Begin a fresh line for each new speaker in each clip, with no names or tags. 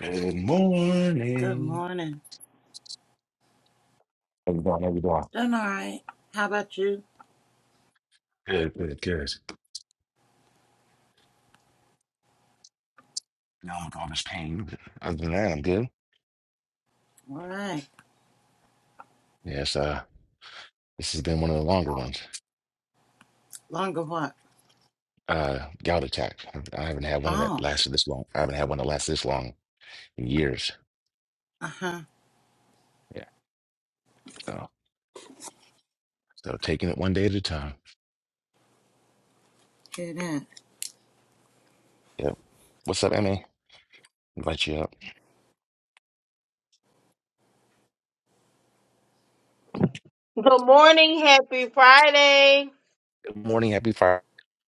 Good
Good
morning.
morning.
How you doing? How you doing?
Doing all right. How about you?
Good, good, good. Now I'm with all this pain. Other than that, I'm good.
All right.
Yes, uh, this has been one of the longer ones.
Longer walk.
Uh, gout attack. I haven't had one of that
Oh,
lasted this long. I haven't had one that lasted this long in years.
uh huh.
Yeah. So, so taking it one day at a time.
Hear that.
Yep. What's up, Emmy? Invite you up.
Good morning, happy Friday.
Good morning. Happy Friday.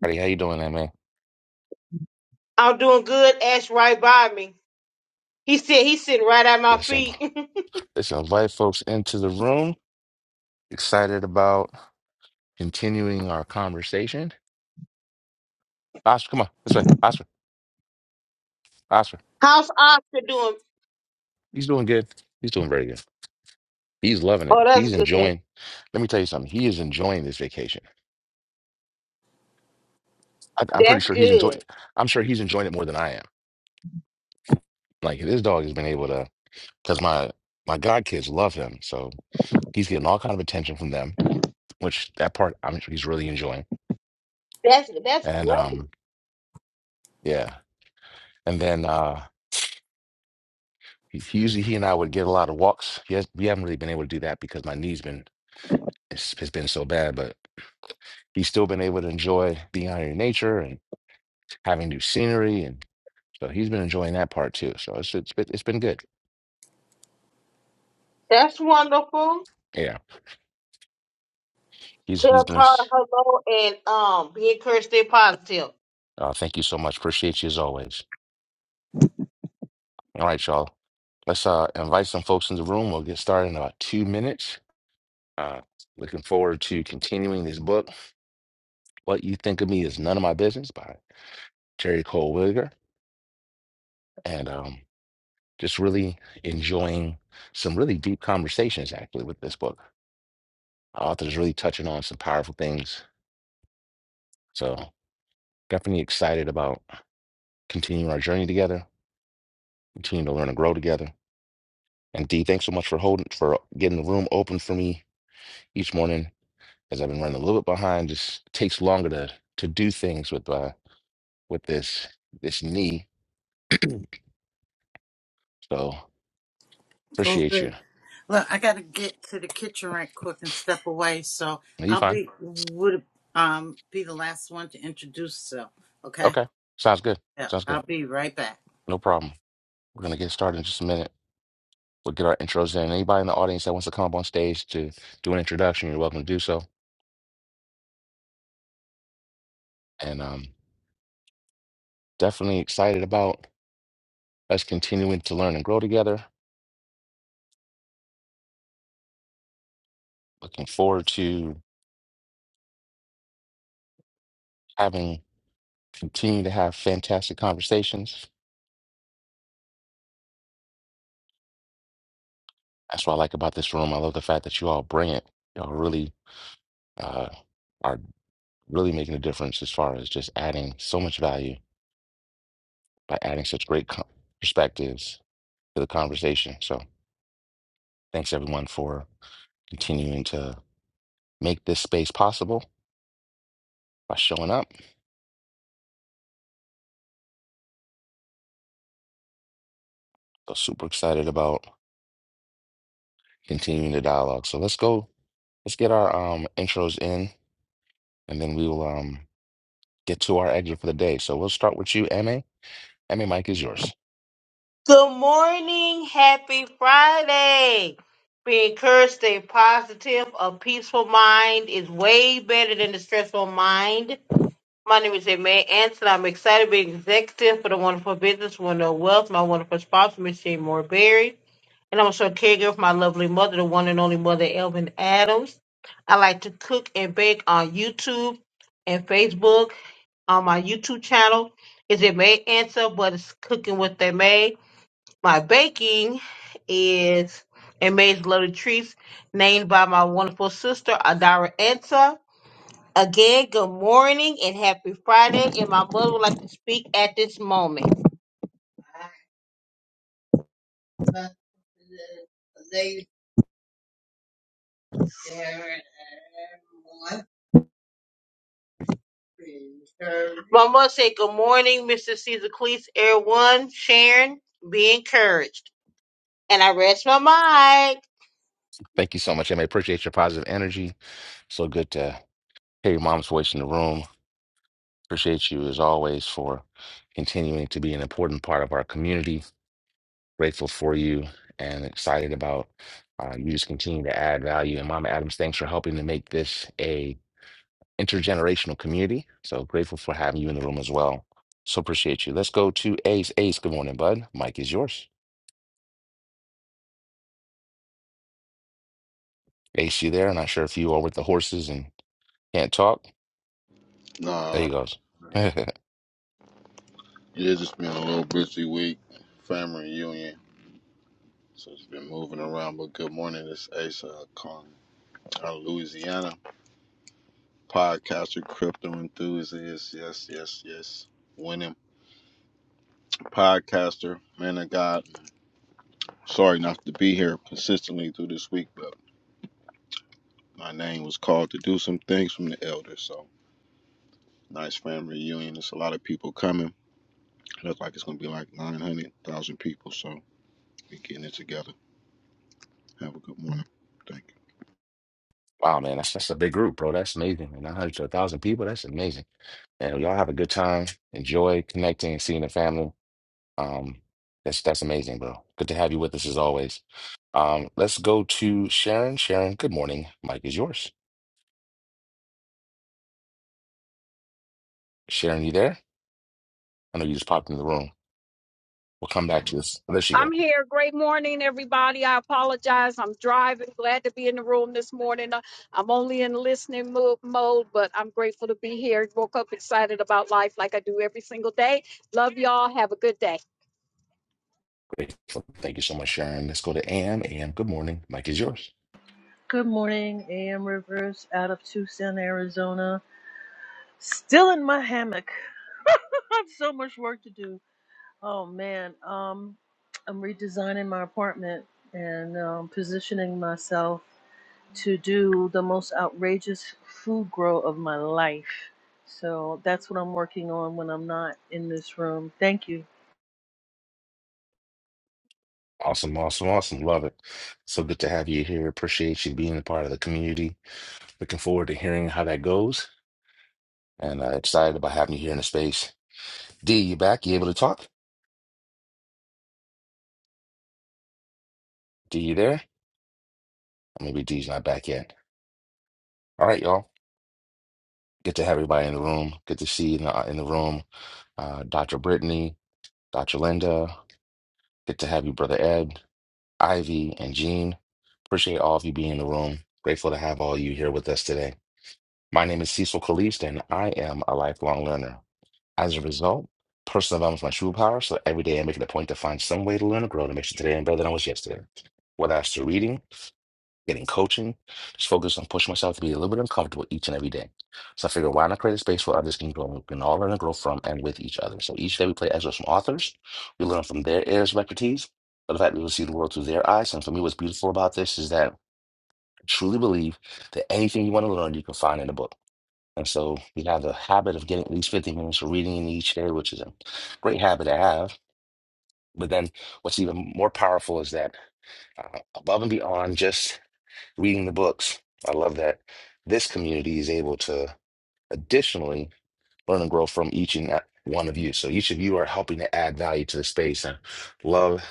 How you doing, Emmy?
I'm doing good. Ash right by me. He said he's sitting right at my
Let's, inv-
feet.
let's invite folks into the room. Excited about continuing our conversation. Oscar, come on this way. Oscar. Oscar,
How's Oscar doing?
he's doing good. He's doing very good. He's loving
Oh,
it.
that's
He's
good.
enjoying. Let me tell you something. He is enjoying this vacation. I, I'm pretty
That's
sure he's enjoying.
good.
I'm sure he's enjoying it more than I am. Like this dog has been able to, because my my god kids love him, so he's getting all kind of attention from them, which that part I'm sure he's really enjoying.
That's that's
And
great.
um, yeah. And then uh, he, he usually he and I would get a lot of walks. He has, we haven't really been able to do that because my knee's been it's, it's been so bad, but he's still been able to enjoy being out in nature having new scenery, and so he's been enjoying that part too. So it's it's been it's been good.
That's wonderful.
Yeah, he's he's
Tell
been.
Tara hello and um be encouraged, stay positive.
Uh, thank you so much. Appreciate you as always. All right, y'all. Let's uh, invite some folks in the room. We'll get started in about two minutes. Uh, looking forward to continuing this book. What you think of me is none of my business by Terry Cole Williger, and um, just really enjoying some really deep conversations actually with this book. Author's really touching on some powerful things. So definitely excited about. continue our journey together, continue to learn and grow together. And D, thanks so much for holding for getting the room open for me each morning as I've been running a little bit behind. Just takes longer to to do things with uh with this this knee. So
Cool
appreciate you.
breeze. Look, I got to get to the kitchen right quick and step away. So
Are you
I'll
fine?
be would um be the last one to introduce So Okay.
Okay. Sounds good.
Yeah,
Sounds good.
I'll be right back.
No problem. We're gonna get started in just a minute. We'll get our intros in. Anybody in the audience that wants to come up on stage to do an introduction, you're welcome to do so. And um definitely excited about us continuing to learn and grow together looking forward to having continued to have fantastic conversations. That's what I like about this room. I love the fact that you all bring it. Y'all really uh, are really making a difference as far as just adding so much value by adding such great co- perspectives to the conversation. So thanks everyone for continuing to make this space possible by showing up. So super excited about continuing the dialogue. So let's go. Let's get our um, intros in, and then we will um, get to our exit for the day. So we'll start with you, Ma. Emmy, Mike is yours.
Good morning, happy Friday. Be encouraged, stay positive. A peaceful mind is way better than a stressful mind. My name is May Anson. I'm excited to be executive for the wonderful business, wonderful wealth, my wonderful sponsor, Miss Jane Moore Berry. And I'm also a caregiver for my lovely mother, the one and only mother, Elvin Adams. I like to cook and bake on YouTube and Facebook. On my YouTube channel is it May Anson, but it's cooking with they May. My baking is Amazing Little Treats, named by my wonderful sister, Adara Ansa. Again, good morning and happy Friday. And my mother would like to speak at this moment. My mother said, Good morning, Mr. Caesar Cleese, everyone, Sharon, be encouraged. And I rest my mic.
Thank you so much, Emmy. Appreciate your positive energy. So good to hear your mom's voice in the room. Appreciate you as always for continuing to be an important part of our community. Grateful for you and excited about uh, you just continue to add value. And Mama Adams, thanks for helping to make this a intergenerational community. So grateful for having you in the room as well. So appreciate you. Let's go to Ace. Ace, good morning, bud. Mike is yours. Ace, you there? Not sure if you are with the horses and can't talk. There
Nah,
you goes.
yeah, It's just been a little busy week, family reunion. So it's been moving around, but good morning. It's Asa Kong out of Louisiana, podcaster, crypto enthusiast. Yes, yes, yes. Winning podcaster, man of God. Sorry not to be here consistently through this week, but my name was called to do some things from the elder. So nice family reunion. There's a lot of people coming. Looks like it's going to be like 900,000 people. So we're getting it together. Have a good morning. Thank you.
Wow, man, that's that's a big group, bro. That's amazing. Nine hundred to a thousand people. That's amazing. And y'all have a good time. Enjoy connecting and seeing the family. Um, that's that's amazing, bro. Good to have you with us as always. Um, let's go to Sharon. Sharon, good morning. Mike is yours. Sharon, you there? I know you just popped in the room. We'll come back to this. There she
I'm
go.
here. Great morning, everybody. I apologize. I'm driving. Glad to be in the room this morning. Uh, I'm only in listening mo- mode, but I'm grateful to be here. Woke up excited about life like I do every single day. Love y'all. Have a good day.
Great. Thank you so much, Sharon. Let's go to Ann. Ann, good morning. Mike is yours.
Good morning, AM Rivers out of Tucson, Arizona. Still in my hammock. I have so much work to do. Oh man, um, I'm redesigning my apartment and um, positioning myself to do the most outrageous food grow of my life. So that's what I'm working on when I'm not in this room. Thank you.
Awesome, awesome, awesome. Love it. So good to have you here. Appreciate you being a part of the community. Looking forward to hearing how that goes. and uh, excited about having you here in the space. D, you back? You able to talk? D, you there? Or Maybe D's not back yet. All right, y'all. Good to have everybody in the room. Good to see you in the, uh, in the room. Uh, Dr. Brittany, Dr. Linda. Good to have you, Brother Ed, Ivy, and Jean. Appreciate all of you being in the room. Grateful to have all of you here with us today. My name is Cecil Kalist, and I am a lifelong learner. As a result, personal development is my superpower. so every day I make it a point to find some way to learn and grow to make sure today I'm better than I was yesterday. Whether that's through reading, getting coaching, just focused on pushing myself to be a little bit uncomfortable each and every day. So I figured, why not create a space where others can grow, we can all learn and grow from and with each other. So each day we play excerpts from authors, we learn from their areas of expertise, but the fact that we will see the world through their eyes. And for me, what's beautiful about this is that I truly believe that anything you want to learn, you can find in a book. And so we have the habit of getting at least 15 minutes of reading in each day, which is a great habit to have. But then what's even more powerful is that uh, above and beyond just reading the books. I love that this community is able to additionally learn and grow from each and a- one of you. So each of you are helping to add value to the space. And love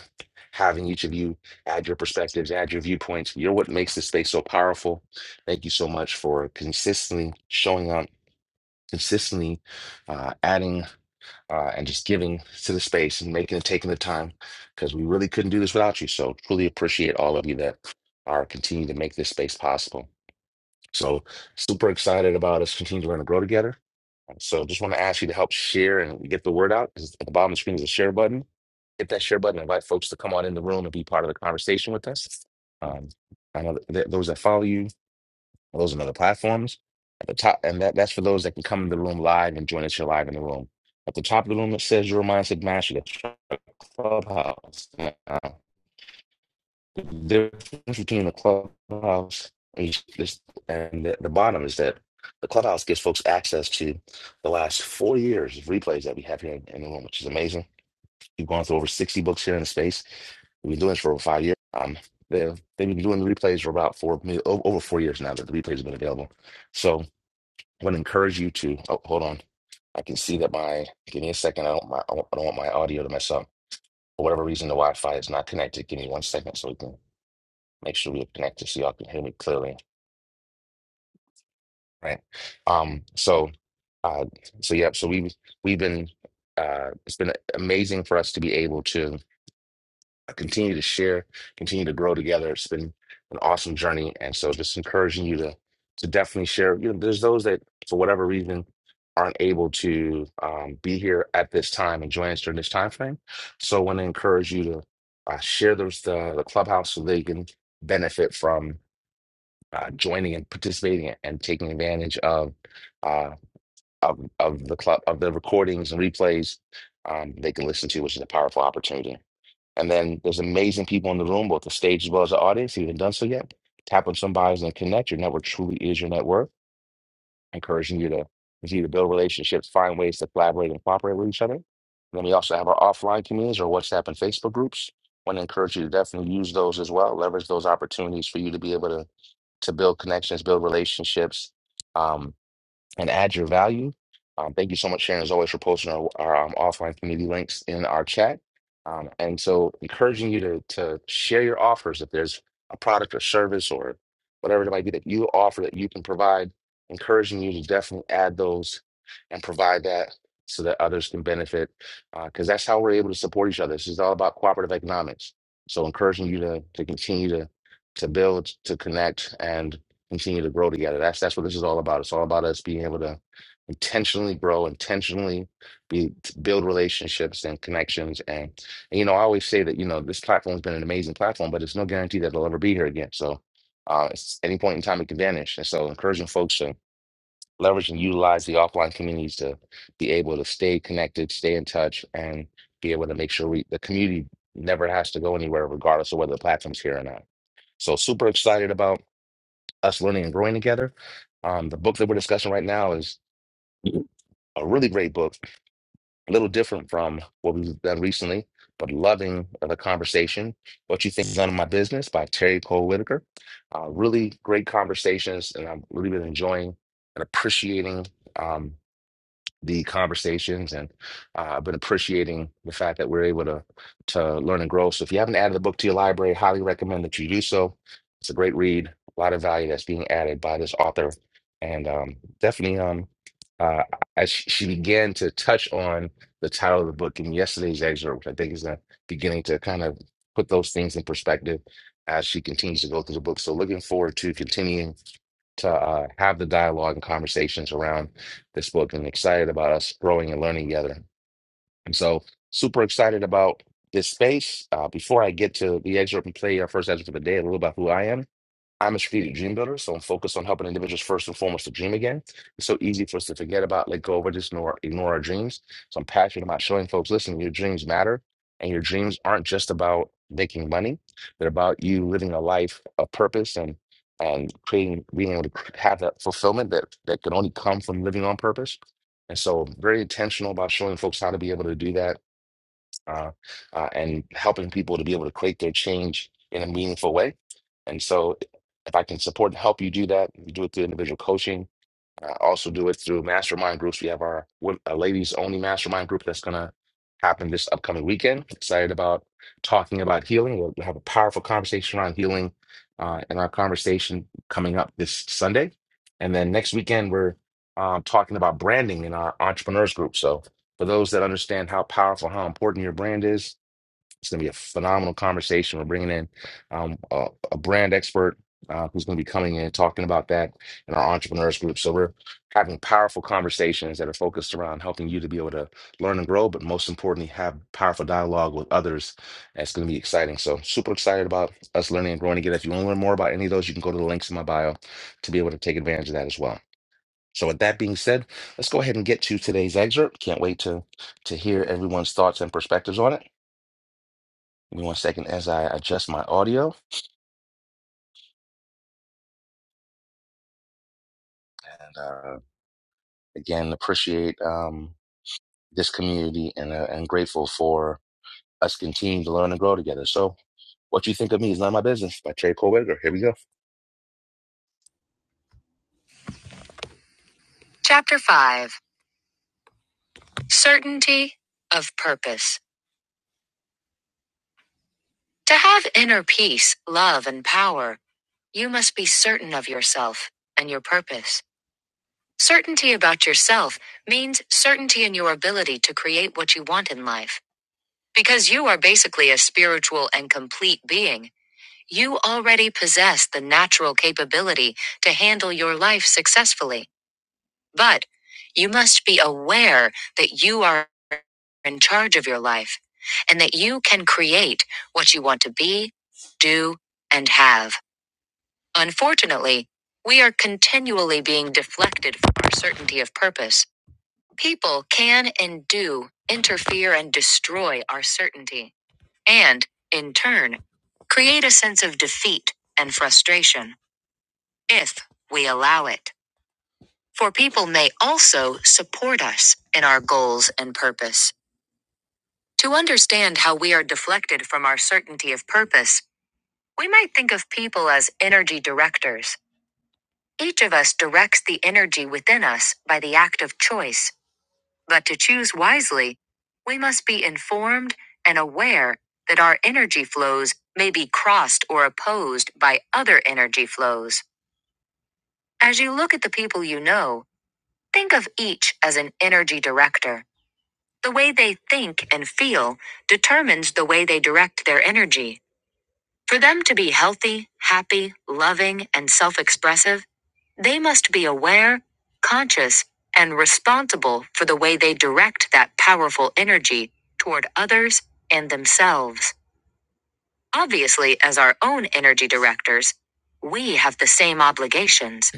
having each of you add your perspectives, add your viewpoints. You're what makes this space so powerful. Thank you so much for consistently showing up, consistently uh, adding uh, and just giving to the space and making and taking the time because we really couldn't do this without you. So truly appreciate all of you that are continuing to make this space possible. So super excited about us continuing to learn and grow together. So just want to ask you to help share and get the word out. 'cause At the bottom of the screen is a share button. Hit that share button. Invite folks to come on in the room and be part of the conversation with us. Um, I know that that those that follow you, those on other platforms at the top, and that, that's for those that can come in the room live and join us here live in the room. At the top of the room, it says your mindset mastery. That's our clubhouse. The difference between the clubhouse and this- and the, the bottom is that the clubhouse gives folks access to the last four years of replays that we have here in, in the room, which is amazing. We've gone through over 60 books here in the space. We've been doing this for over five years. Um, they've, they've been doing the replays for about four, maybe o- over four years now that the replays have been available. So I want to encourage you to, oh, hold on. I can see that my, give me a second. I don't, my, I don't I don't want my audio to mess up. For whatever reason, the Wi-Fi is not connected. Give me one second so we can make sure we're connected so y'all can hear me clearly, right? Um, so, uh, so yeah, so we've we've been uh, it's been amazing for us to be able to continue to share, continue to grow together. It's been an awesome journey, and so just encouraging you to to definitely share. You know, there's those that for whatever reason aren't able to um, be here at this time and join us during this time frame. So, I want to encourage you to uh, share those the, the clubhouse so they can benefit from uh, joining and participating and taking advantage of uh, of of the club of the recordings and replays um, they can listen to, which is a powerful opportunity. And then there's amazing people in the room, both the stage as well as the audience. If you haven't done so yet, tap on some bios and connect. Your network truly is your net worth. Encouraging you to continue to build relationships, find ways to collaborate and cooperate with each other. And then we also have our offline communities or WhatsApp and Facebook groups. want to encourage you to definitely use those as well. Leverage those opportunities for you to be able to to build connections, build relationships, um, and add your value. Um, thank you so much, Sharon, as always, for posting our, our um, offline community links in our chat. Um, and so, encouraging you to to share your offers. If there's a product or service or whatever it might be that you offer that you can provide, encouraging you to definitely add those and provide that so that others can benefit. Because that's how we're able to support each other. This is all about cooperative economics. So, encouraging you to to continue to to build, to connect, and continue to grow together. That's that's what this is all about. It's all about us being able to intentionally grow, intentionally be to build relationships and connections. And, and, you know, I always say that you know this platform has been an amazing platform, but it's no guarantee that it'll ever be here again. So, uh, it's, any point in time, it can vanish. And so, encouraging folks to leverage and utilize the offline communities to be able to stay connected, stay in touch, and be able to make sure we the community never has to go anywhere, regardless of whether the platform's here or not. So, super excited about us learning and growing together. Um, the book that we're discussing right now is a really great book, a little different from what we've done recently, but loving the conversation. What You Think is None of My Business by Terry Cole Whitaker. Uh, really great conversations, and I've really been enjoying and appreciating. um, the conversations and uh, I've been appreciating the fact that we're able to to learn and grow. So if you haven't added the book to your library, highly recommend that you do so. It's a great read, a lot of value that's being added by this author, and um, definitely um, uh, as sh- she began to touch on the title of the book in yesterday's excerpt, which I think is uh, beginning to kind of put those things in perspective as she continues to go through the book. So looking forward to continuing to uh, have the dialogue and conversations around this book and excited about us growing and learning together. And so, super excited about this space. Uh, before I get to the excerpt and play our first excerpt of the day, a little about who I am. I'm a strategic dream builder, so I'm focused on helping individuals first and foremost to dream again. It's so easy for us to forget about, let go of, or just ignore, ignore our dreams. So I'm passionate about showing folks, listen, your dreams matter, and your dreams aren't just about making money. They're about you living a life of purpose and and creating, being able to cr- have that fulfillment that that can only come from living on purpose. And so, I'm very intentional about showing folks how to be able to do that uh, uh, and helping people to be able to create their change in a meaningful way. And so, if I can support and help you do that, you do it through individual coaching I also do it through mastermind groups. We have our wom- uh, ladies only mastermind group that's going to happen this upcoming weekend. Excited about talking about healing. We'll we'll have a powerful conversation on healing uh, in our conversation coming up this Sunday. And then next weekend, we're um, talking about branding in our entrepreneurs group. So, for those that understand how powerful, how important your brand is, it's going to be a phenomenal conversation. We're bringing in um, a, a brand expert uh, who's going to be coming in and talking about that in our entrepreneurs group. So we're having powerful conversations that are focused around helping you to be able to learn and grow, but most importantly, have powerful dialogue with others. And it's going to be exciting. So super excited about us learning and growing together. If you want to learn more about any of those, you can go to the links in my bio to be able to take advantage of that as well. So with that being said, let's go ahead and get to today's excerpt. Can't wait to to hear everyone's thoughts and perspectives on it. Give me one second as I adjust my audio. And uh, again, appreciate um, this community and uh, and grateful for us continuing to learn and grow together. So, what you think of me is none of my business. By Trey Colwiger. Here we go. Chapter five: Certainty of purpose. To have inner peace, love, and power, you must be certain of yourself and your purpose. Certainty about yourself means certainty in your ability to create what you want in life. Because you are basically a spiritual and complete being, you already possess the natural capability to handle your life successfully. But you must be aware that you are in charge of your life and that you can create what you want to be, do, and have. Unfortunately, we are continually being deflected from our certainty of purpose. People can and do interfere and destroy our certainty and, in turn, create a sense of defeat and frustration if we allow it. For people may also support us in our goals and purpose. To understand how we are deflected from our certainty of purpose, we might think of people as energy directors. Each of us directs the energy within us by the act of choice But to choose wisely, we must be informed and aware that our energy flows may be crossed or opposed by other energy flows. As you look at the people you know, think of each as an energy director. The way they think and feel determines the way they direct their energy. For them to be healthy, happy, loving, and self expressive, They must be aware, conscious, and responsible for the way they direct that powerful energy toward others and themselves. Obviously, as our own energy directors, we have the same obligations,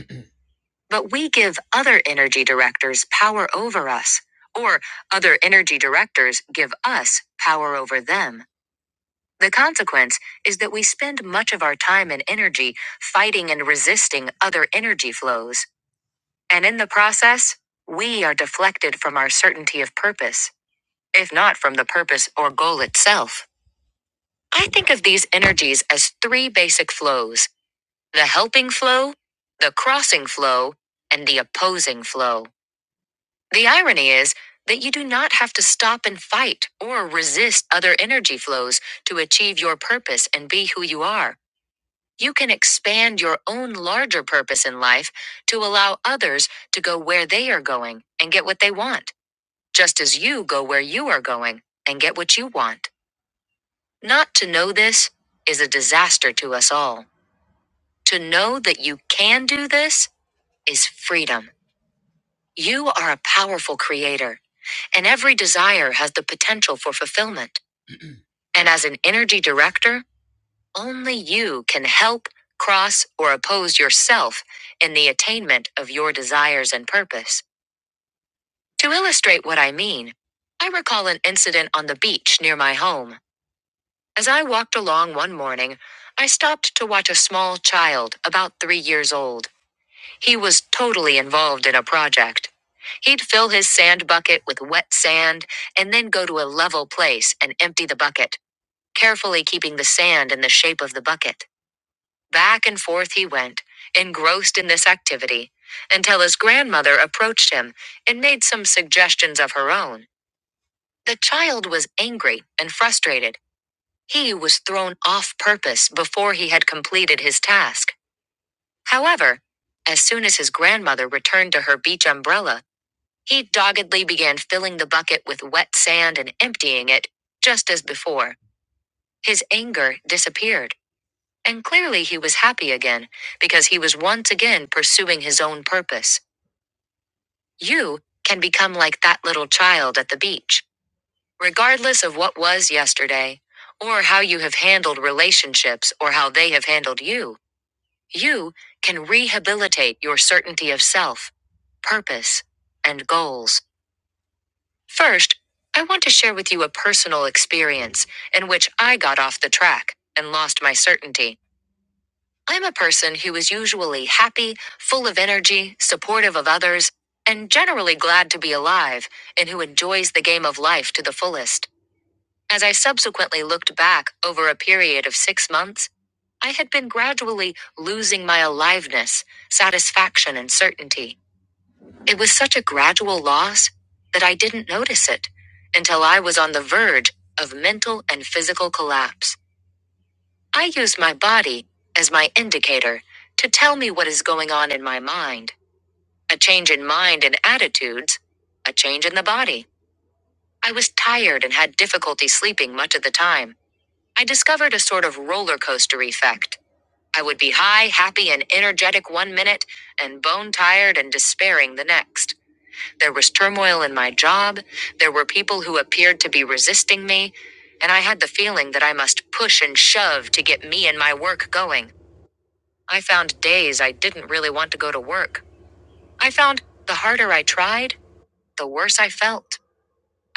but we give other energy directors power over us, or other energy directors give us power over them. The consequence is that we spend much of our time and energy fighting and resisting other energy flows. And in the process, we are deflected from our certainty of purpose, if not from the purpose or goal itself. I think of these energies as three basic flows the helping flow, the crossing flow, and the opposing flow. The irony is that you do not have to stop and fight or resist other energy flows to achieve your purpose and be who you are. You can expand your own larger purpose in life to allow others to go where they are going and get what they want. just as you go where you are going and get what you want. Not to know this is a disaster to us all. To know that you can do this is freedom. You are a powerful creator, and every desire has the potential for fulfillment. And as an energy director, only you can help, cross, or oppose yourself in the attainment of your desires and purpose. To illustrate what I mean, I recall an incident on the beach near my home. As I walked along one morning, I stopped to watch a small child about three years old. He was totally involved in a project. He'd fill his sand bucket with wet sand and then go to a level place and empty the bucket, carefully keeping the sand in the shape of the bucket. Back and forth he went, engrossed in this activity, until his grandmother approached him and made some suggestions of her own. The child was angry and frustrated he was thrown off purpose before he had completed his task. However, as soon as his grandmother returned to her beach umbrella, he doggedly began filling the bucket with wet sand and emptying it, just as before. His anger disappeared, and clearly he was happy again, because he was once again pursuing his own purpose. You can become like that little child at the beach, regardless of what was yesterday, or how you have handled relationships or how they have handled you. You can rehabilitate your certainty of self, purpose, and goals. First, I want to share with you a personal experience in which I got off the track and lost my certainty. I'm a person who is usually happy, full of energy, supportive of others, and generally glad to be alive, and who enjoys the game of life to the fullest. As I subsequently looked back over a period of six months, I had been gradually losing my aliveness, satisfaction, and certainty. It was such a gradual loss that I didn't notice it until I was on the verge of mental and physical collapse. I used my body as my indicator to tell me what is going on in my mind. A change in mind and attitudes, a change in the body. I was tired and had difficulty sleeping much of the time. I discovered a sort of roller coaster effect. I would be high, happy, and energetic one minute, and bone tired and despairing the next. There was turmoil in my job, there were people who appeared to be resisting me, and I had the feeling that I must push and shove to get me and my work going. I found days I didn't really want to go to work. I found the harder I tried, the worse I felt.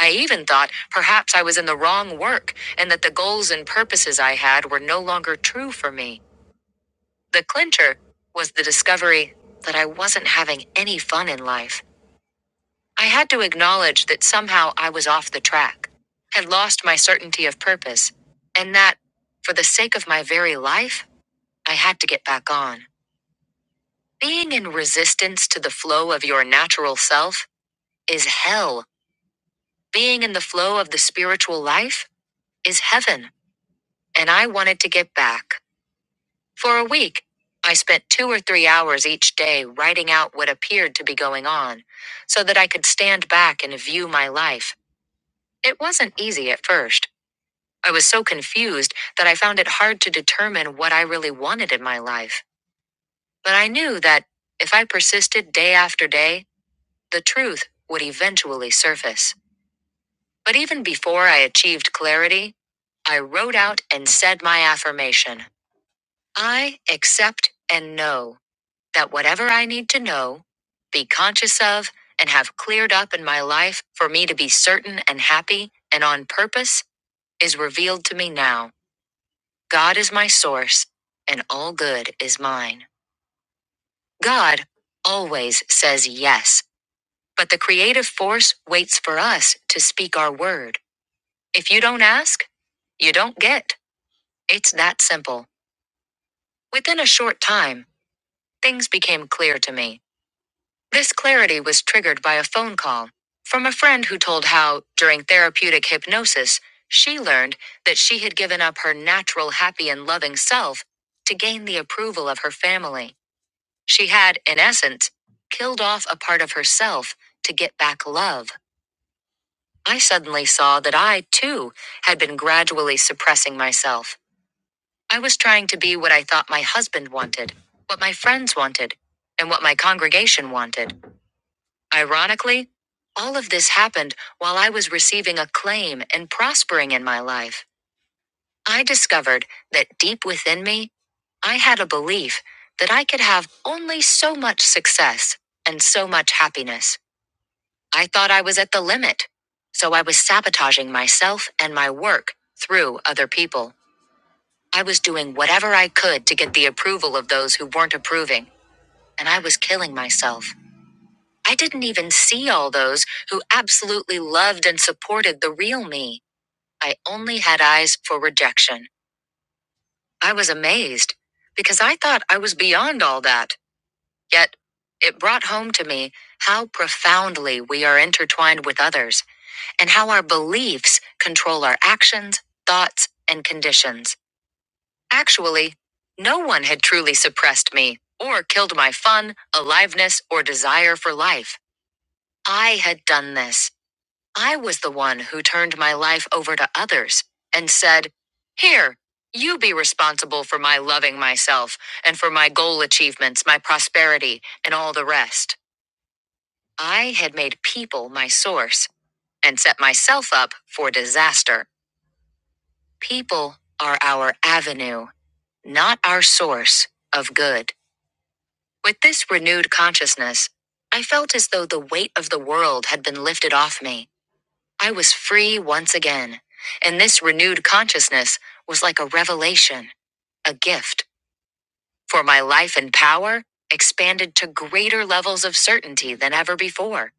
I even thought perhaps I was in the wrong work and that the goals and purposes I had were no longer true for me. The clincher was the discovery that I wasn't having any fun in life. I had to acknowledge that somehow I was off the track, had lost my certainty of purpose, and that, for the sake of my very life, I had to get back on. Being in resistance to the flow of your natural self is hell. Being in the flow of the spiritual life is heaven. And I wanted to get back. For a week, I spent two or three hours each day writing out what appeared to be going on, so that I could stand back and view my life. It wasn't easy at first. I was so confused that I found it hard to determine what I really wanted in my life. But I knew that, if I persisted day after day, the truth would eventually surface. But even before I achieved clarity, I wrote out and said my affirmation I accept and know. that whatever I need to know, be conscious of, and have cleared up in my life for me to be certain and happy and on purpose is revealed to me now. God is my source, and all good is mine. God always says yes, but the creative force waits for us to speak our word. If you don't ask, you don't get. It's that simple. Within a short time, things became clear to me. This clarity was triggered by a phone call from a friend who told how, during therapeutic hypnosis, she learned that she had given up her natural, happy, and loving self to gain the approval of her family. She had, in essence, killed off a part of herself to get back love. I suddenly saw that I, too, had been gradually suppressing myself. I was trying to be what I thought my husband wanted, what my friends wanted, and what my congregation wanted. Ironically, all of this happened while I was receiving acclaim and prospering in my life. I discovered that deep within me, I had a belief that I could have only so much success and so much happiness. I thought I was at the limit, so I was sabotaging myself and my work through other people. I was doing whatever I could to get the approval of those who weren't approving, and I was killing myself. I didn't even see all those who absolutely loved and supported the real me. I only had eyes for rejection. I was amazed because I thought I was beyond all that. Yet, it brought home to me how profoundly we are intertwined with others and how our beliefs control our actions, thoughts, and conditions. Actually, no one had truly suppressed me or killed my fun, aliveness, or desire for life. I had done this. I was the one who turned my life over to others and said, Here, you be responsible for my loving myself and for my goal achievements, my prosperity, and all the rest. I had made people my source and set myself up for disaster. People are our avenue, not our source of good. With this renewed consciousness, I felt as though the weight of the world had been lifted off me. I was free once again, and this renewed consciousness was like a revelation, a gift, for my life and power expanded to greater levels of certainty than ever before.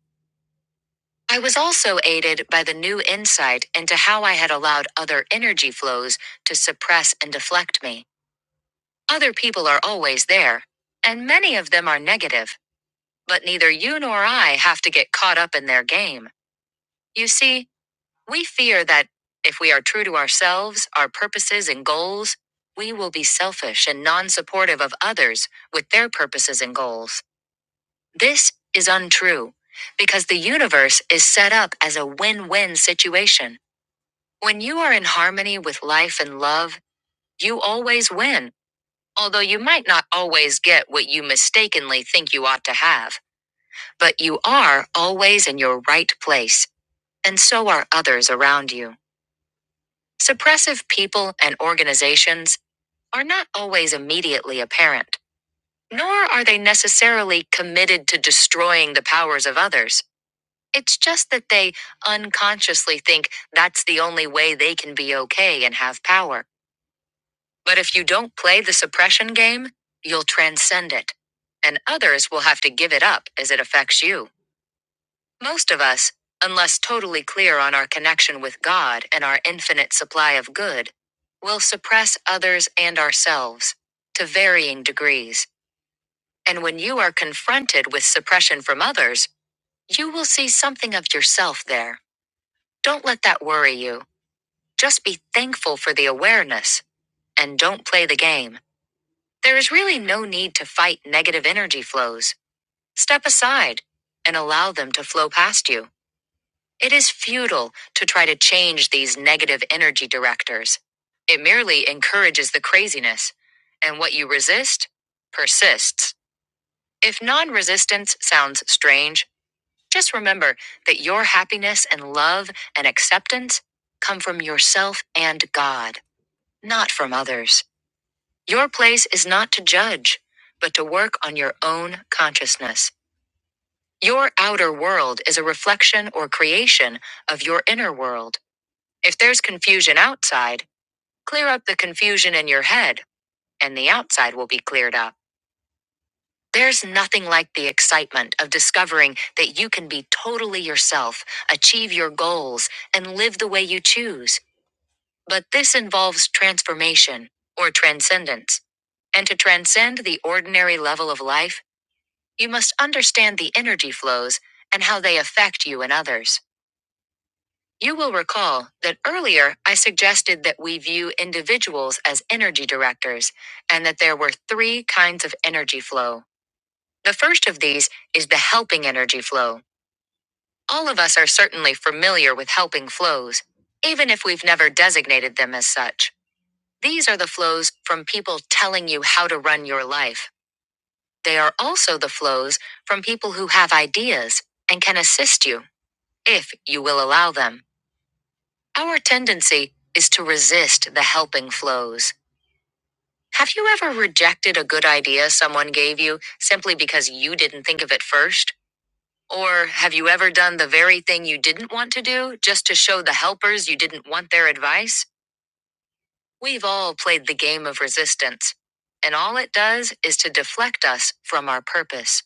I was also aided by the new insight into how I had allowed other energy flows to suppress and deflect me. Other people are always there, and many of them are negative, but neither you nor I have to get caught up in their game. You see, We fear that, if we are true to ourselves, our purposes, and goals, we will be selfish and non supportive of others with their purposes and goals. This is untrue, because the universe is set up as a win win situation. When you are in harmony with life and love, you always win, although you might not always get what you mistakenly think you ought to have. But you are always in your right place, and so are others around you. Suppressive people and organizations are not always immediately apparent, nor are they necessarily committed to destroying the powers of others. It's just that they unconsciously think that's the only way they can be okay and have power. But if you don't play the suppression game, you'll transcend it, and others will have to give it up as it affects you. Most of us, unless totally clear on our connection with God and our infinite supply of good, will suppress others and ourselves to varying degrees. And when you are confronted with suppression from others, you will see something of yourself there. Don't let that worry you. Just be thankful for the awareness and don't play the game. There is really no need to fight negative energy flows. Step aside and allow them to flow past you. It is futile to try to change these negative energy directors. It merely encourages the craziness. And what you resist persists. If non resistance sounds strange, just remember that your happiness and love and acceptance come from yourself and God, not from others. Your place is not to judge, but to work on your own consciousness. Your outer world is a reflection or creation of your inner world. If there's confusion outside, clear up the confusion in your head, and the outside will be cleared up. There's nothing like the excitement of discovering that you can be totally yourself, achieve your goals, and live the way you choose. But this involves transformation, or transcendence. And to transcend the ordinary level of life, you must understand the energy flows and how they affect you and others. You will recall that earlier I suggested that we view individuals as energy directors and that there were three kinds of energy flow. The first of these is the helping energy flow. All of us are certainly familiar with helping flows, even if we've never designated them as such. These are the flows from people telling you how to run your life. They are also the flows from people who have ideas and can assist you, if you will allow them. Our tendency is to resist the helping flows. Have you ever rejected a good idea someone gave you simply because you didn't think of it first? Or have you ever done the very thing you didn't want to do just to show the helpers you didn't want their advice? We've all played the game of resistance. And all it does is to deflect us from our purpose.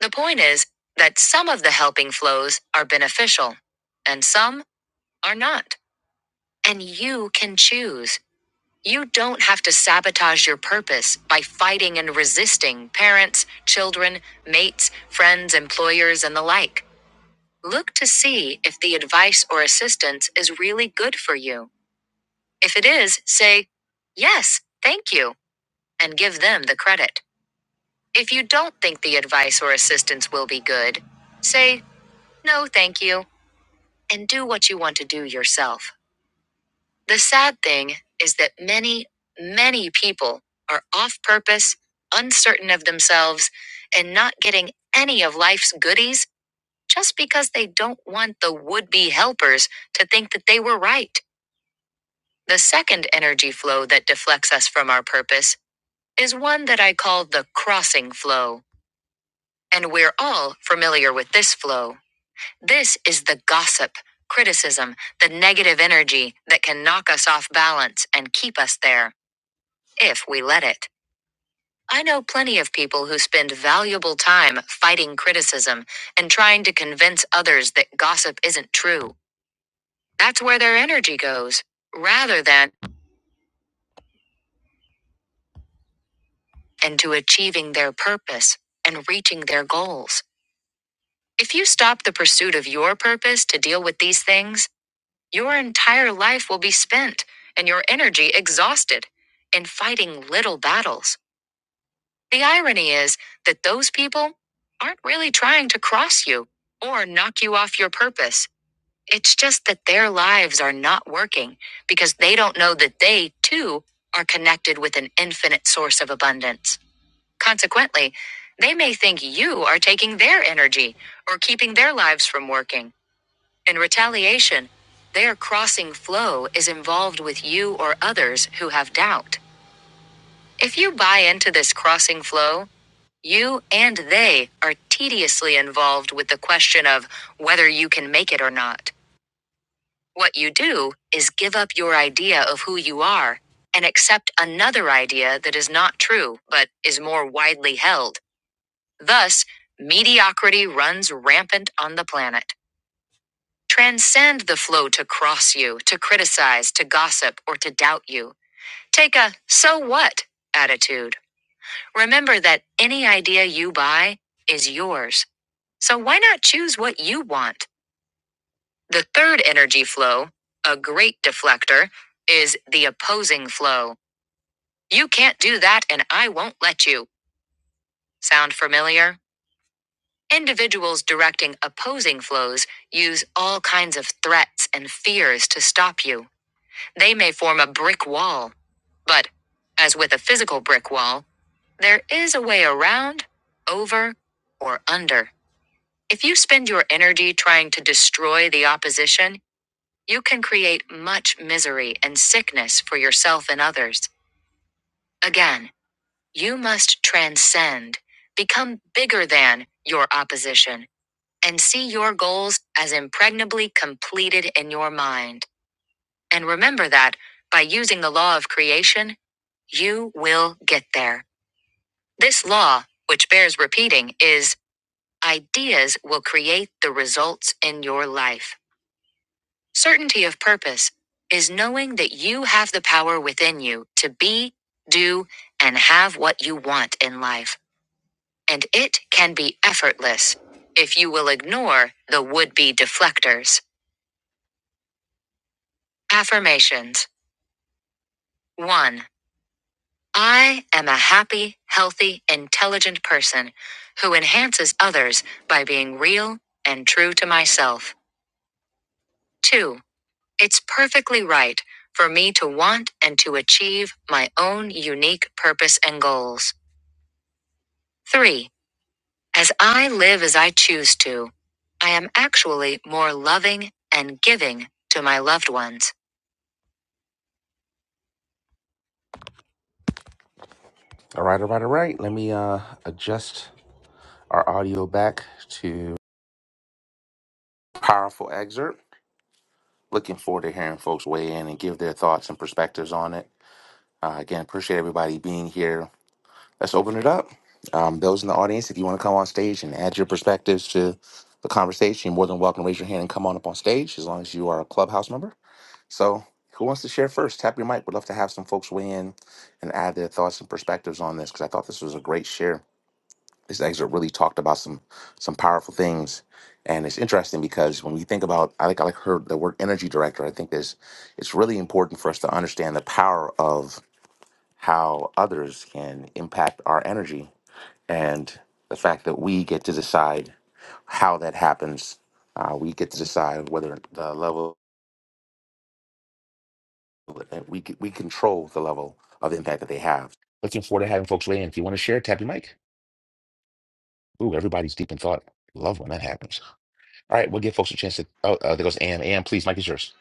The point is that some of the helping flows are beneficial, and some are not. And you can choose. You don't have to sabotage your purpose by fighting and resisting parents, children, mates, friends, employers, and the like. Look to see if the advice or assistance is really good for you. If it is, say, Yes, thank you, and give them the credit. If you don't think the advice or assistance will be good, say, No, thank you, and do what you want to do yourself. The sad thing is that many, many people are off purpose, uncertain of themselves, and not getting any of life's goodies just because they don't want the would be helpers to think that they were right. The second energy flow that deflects us from our purpose is one that I call the crossing flow. And we're all familiar with this flow. This is the gossip, criticism, the negative energy that can knock us off balance and keep us there. if we let it. I know plenty of people who spend valuable time fighting criticism and trying to convince others that gossip isn't true. That's where their energy goes, rather than into achieving their purpose and reaching their goals. If you stop the pursuit of your purpose to deal with these things, your entire life will be spent and your energy exhausted in fighting little battles. The irony is that those people aren't really trying to cross you or knock you off your purpose. It's just that their lives are not working because they don't know that they, too, are connected with an infinite source of abundance. Consequently, they may think you are taking their energy or keeping their lives from working. In retaliation, their crossing flow is involved with you or others who have doubt. If you buy into this crossing flow you and they are tediously involved with the question of whether you can make it or not. What you do is give up your idea of who you are and accept another idea that is not true but is more widely held. Thus, mediocrity runs rampant on the planet. Transcend the flow to cross you, to criticize, to gossip, or to doubt you. Take a so what attitude. Remember that any idea you buy is yours So why not choose what you want? The third energy flow, a great deflector, is the opposing flow. You can't do that and I won't let you. Sound familiar? Individuals directing opposing flows use all kinds of threats and fears to stop you. They may form a brick wall. But, as with a physical brick wall, there is a way around, over, or under. If you spend your energy trying to destroy the opposition, You can create much misery and sickness for yourself and others. Again, you must transcend, become bigger than your opposition, and see your goals as impregnably completed in your mind. And remember that, by using the law of creation, you will get there. This law, which bears repeating, is ideas will create the results in your life. Certainty of purpose is knowing that you have the power within you to be, do, and have what you want in life, and it can be effortless if you will ignore the would be deflectors. Affirmations 1. I am a happy, healthy, intelligent person who enhances others by being real and true to myself. 2. It's perfectly right for me to want and to achieve my own unique purpose and goals. 3. As I live as I choose to, I am actually more loving and giving to my loved ones. All right, all right, all right. Let me uh, adjust our audio back to powerful excerpt. Looking forward to hearing folks weigh in and give their thoughts and perspectives on it. Uh, again, appreciate everybody being here. let's open it up. Um, those in the audience, if you want to come on stage and add your perspectives to the conversation, you're more than welcome to raise your hand and come on up on stage as long as you are a clubhouse member. So, who wants to share first? Tap your mic. We'd love to have some folks weigh in and add their thoughts and perspectives on this because I thought this was a great share. This excerpt really talked about some some powerful things, and it's interesting because when we think about, I think I like heard the word energy director. I think this it's really important for us to understand the power of how others can impact our energy and the fact that we get to decide how that happens, uh, we get to decide whether the level we c- we control the level of impact that they have. Looking forward to having folks weigh in. If you want to share, tap your mic. Ooh, everybody's deep in thought. Love when that happens. All right, we'll give folks a chance to. Oh, uh, there goes Ann. Ann, please, mic is yours.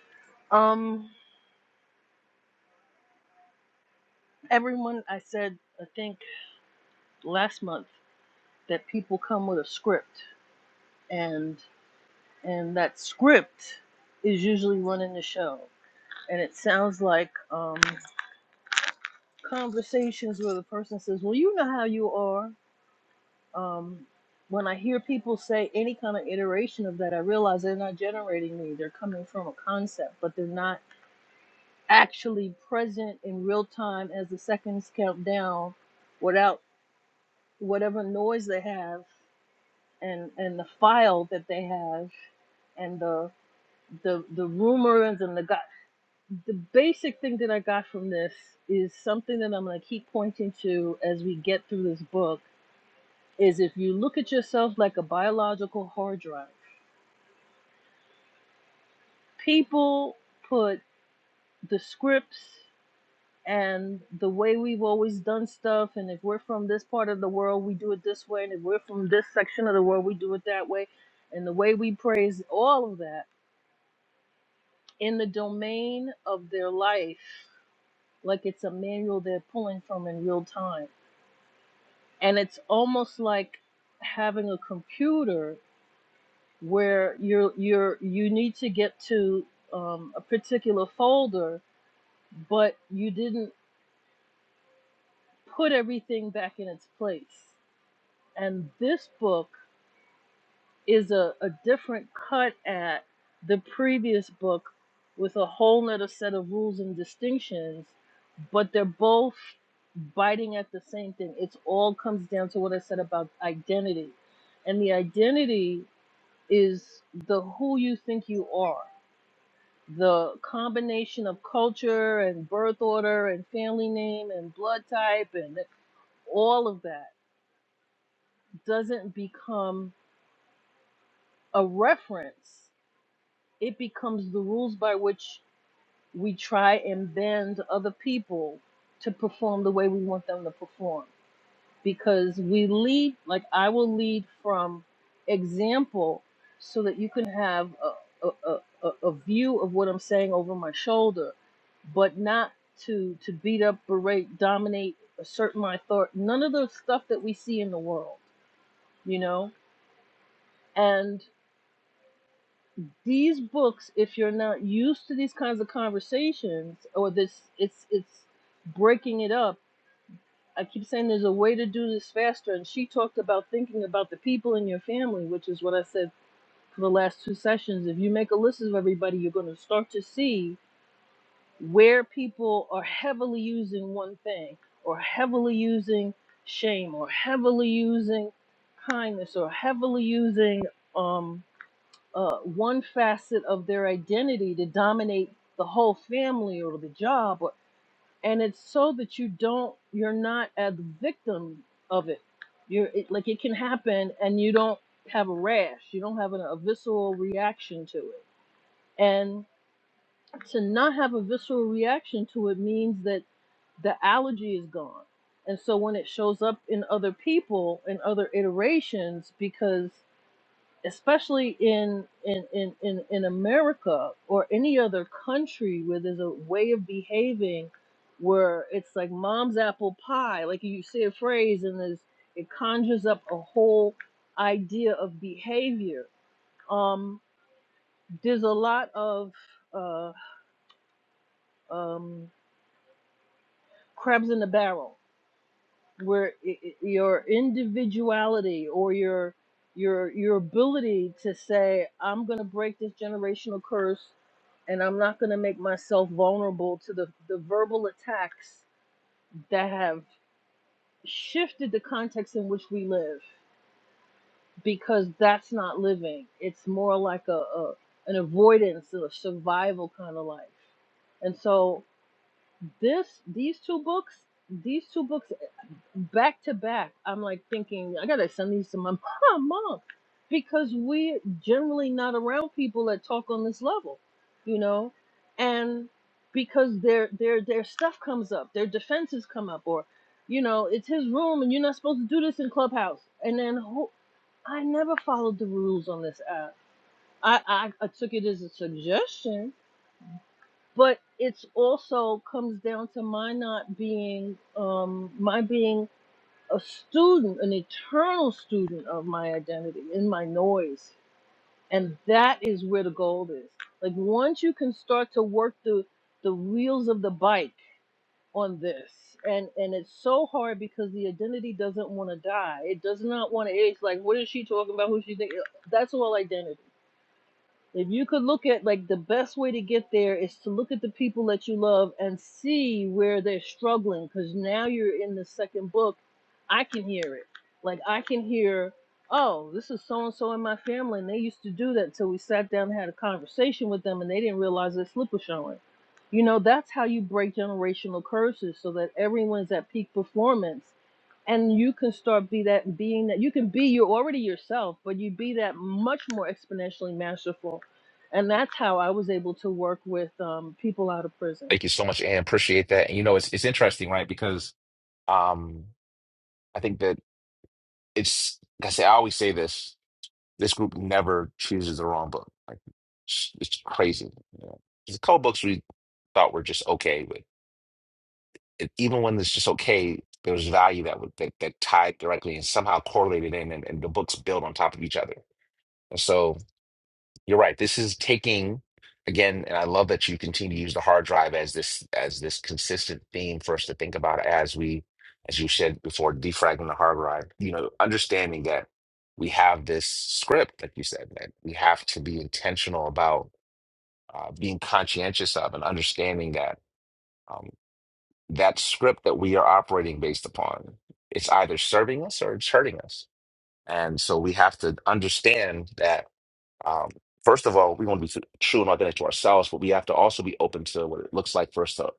Um, everyone, I said, I think last month that people come with a script and. and that script is usually running the show. And it sounds like um, conversations where the person says, "Well, you know how you are." Um, when I hear people say any kind of iteration of that, I realize they're not generating me. They're coming from a concept, but they're not actually present in real time as the seconds count down, without whatever noise they have and and the file that they have and the the the rumors and the the basic thing that I got from this is something that I'm going to keep pointing to as we get through this book is if you look at yourself like a biological hard drive. People put the scripts and the way we've always done stuff and if we're from this part of the world we do it this way and if we're from this section of the world we do it that way and the way we praise all of that in the domain of their life like it's a manual they're pulling from in real time and it's almost like having a computer where you're you're you need to get to um, a particular folder, but you didn't put everything back in its place. And this book is a, a different cut at the previous book with a whole nother set of rules and distinctions, but they're both biting at the same thing. It's all comes down to what I said about identity and the identity is the who you think you are. The combination of culture and birth order and family name and blood type and all of that doesn't become a reference. It becomes the rules by which we try and bend other people to perform the way we want them to perform. because we lead like i will lead from example so that you can have a, a, a, a a view of what i'm saying over my shoulder but not to to beat up berate dominate assert my authority none of the stuff that we see in the world you know and these books if you're not used to these kinds of conversations or this it's it's breaking it up I keep saying there's a way to do this faster. And she talked about thinking about the people in your family, which is what I said for the last two sessions. If you make a list of everybody, you're going to start to see where people are heavily using one thing, or heavily using shame, or heavily using kindness, or heavily using um, uh, one facet of their identity to dominate the whole family or the job and it's so that you don't you're not a victim of it you're it, like it can happen and you don't have a rash you don't have an, a visceral reaction to it and to not have a visceral reaction to it means that the allergy is gone and so when it shows up in other people in other iterations because especially in in, in, in in America or any other country where there's a way of behaving where it's like mom's apple pie. Like you say a phrase and there's it conjures up a whole idea of behavior. Um, there's a lot of uh, um, crabs in the barrel where i- i- your individuality or your your your ability to say i'm going to break this generational curse and i'm not going to make myself vulnerable to the the verbal attacks that have shifted the context in which we live because that's not living it's more like a, a an avoidance or survival kind of life and so this these two books, these two books back to back, I'm like thinking, I gotta send these to my mom, mom, because we're generally not around people that talk on this level, you know, and because their their their stuff comes up, their defenses come up, or you know, it's his room and you're not supposed to do this in clubhouse, and then who, I never followed the rules on this app. I, I I took it as a suggestion, but it's also comes down to my not being um my being a student, an eternal student of my identity in my noise. And that is where the gold is. Like once you can start to work the the wheels of the bike on this. And and it's so hard because the identity doesn't want to die. It does not want to age. Like what is she talking about? Who she think that's all identity. If you could look at like the best way to get there is to look at the people that you love and see where they're struggling because now you're in the second book. I can hear it. Like I can hear, oh, this is so and so in my family and they used to do that. until we sat down and had a conversation with them and they didn't realize their slip was showing. You know, that's how you break generational curses so that everyone's at peak performance and you can start be that being that you can be you're already yourself but you be that much more exponentially masterful and that's how I was able to work with um, people out of prison.
Thank you so much, Ann. Appreciate that. And you know, it's it's interesting, right? Because um, I think that it's. Like I say, I always say this. This group never chooses the wrong book. Like it's, it's crazy. You know? The code books we thought were just okay, but it, even when it's just okay, there was value that would that, that tied directly and somehow correlated in, and, and the books build on top of each other. And so you're right. This is taking again, and I love that you continue to use the hard drive as this as this consistent theme for us to think about as we, as you said before, defragmenting the hard drive. You know, understanding that we have this script, like you said, that we have to be intentional about uh, being conscientious of, and understanding that um, that script that we are operating based upon, it's either serving us or it's hurting us. And so we have to understand that um, first of all, we want to be true and authentic to ourselves, but we have to also be open to what it looks like for us to,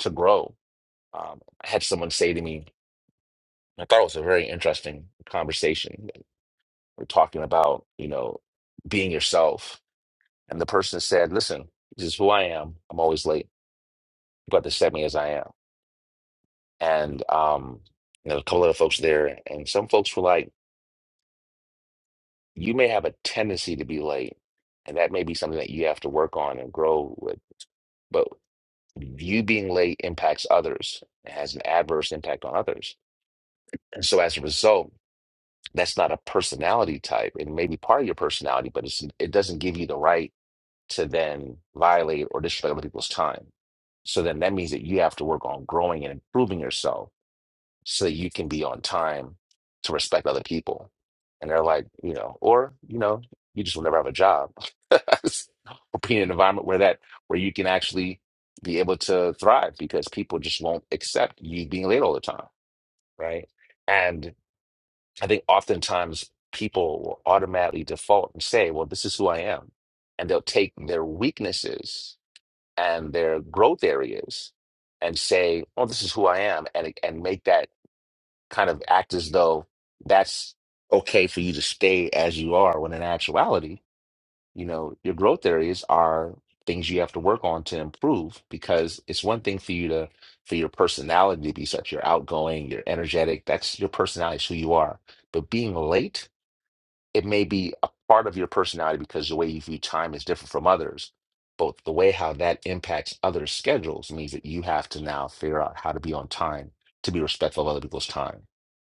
to grow. Um, I had someone say to me, I thought it was a very interesting conversation. We're talking about, you know, being yourself. And the person said, listen, this is who I am. I'm always late. You got to accept me as I am. And, um, you know, a couple of folks there, and some folks were like, you may have a tendency to be late, and that may be something that you have to work on and grow with. you being late impacts others. It has an adverse impact on others. And so as a result, that's not a personality type. It may be part of your personality, but it's it doesn't give you the right to then violate or destroy other people's time. So then that means that you have to work on growing and improving yourself so that you can be on time to respect other people. And they're like, you know, or, you know, you just will never have a job or be in an environment where that, where you can actually be able to thrive because people just won't accept you being late all the time. Right. And I think oftentimes people will automatically default and say, well, this is who I am. And they'll take their weaknesses and their growth areas and say, oh, this is who I am. And, and make that kind of act as though that's okay for you to stay as you are when in actuality you know your growth areas are things you have to work on to improve because it's one thing for you to for your personality to be such you're outgoing you're energetic that's your personality is who you are but being late it may be a part of your personality because the way you view time is different from others. But the way how that impacts others' schedules means that you have to now figure out how to be on time, to be respectful of other people's time.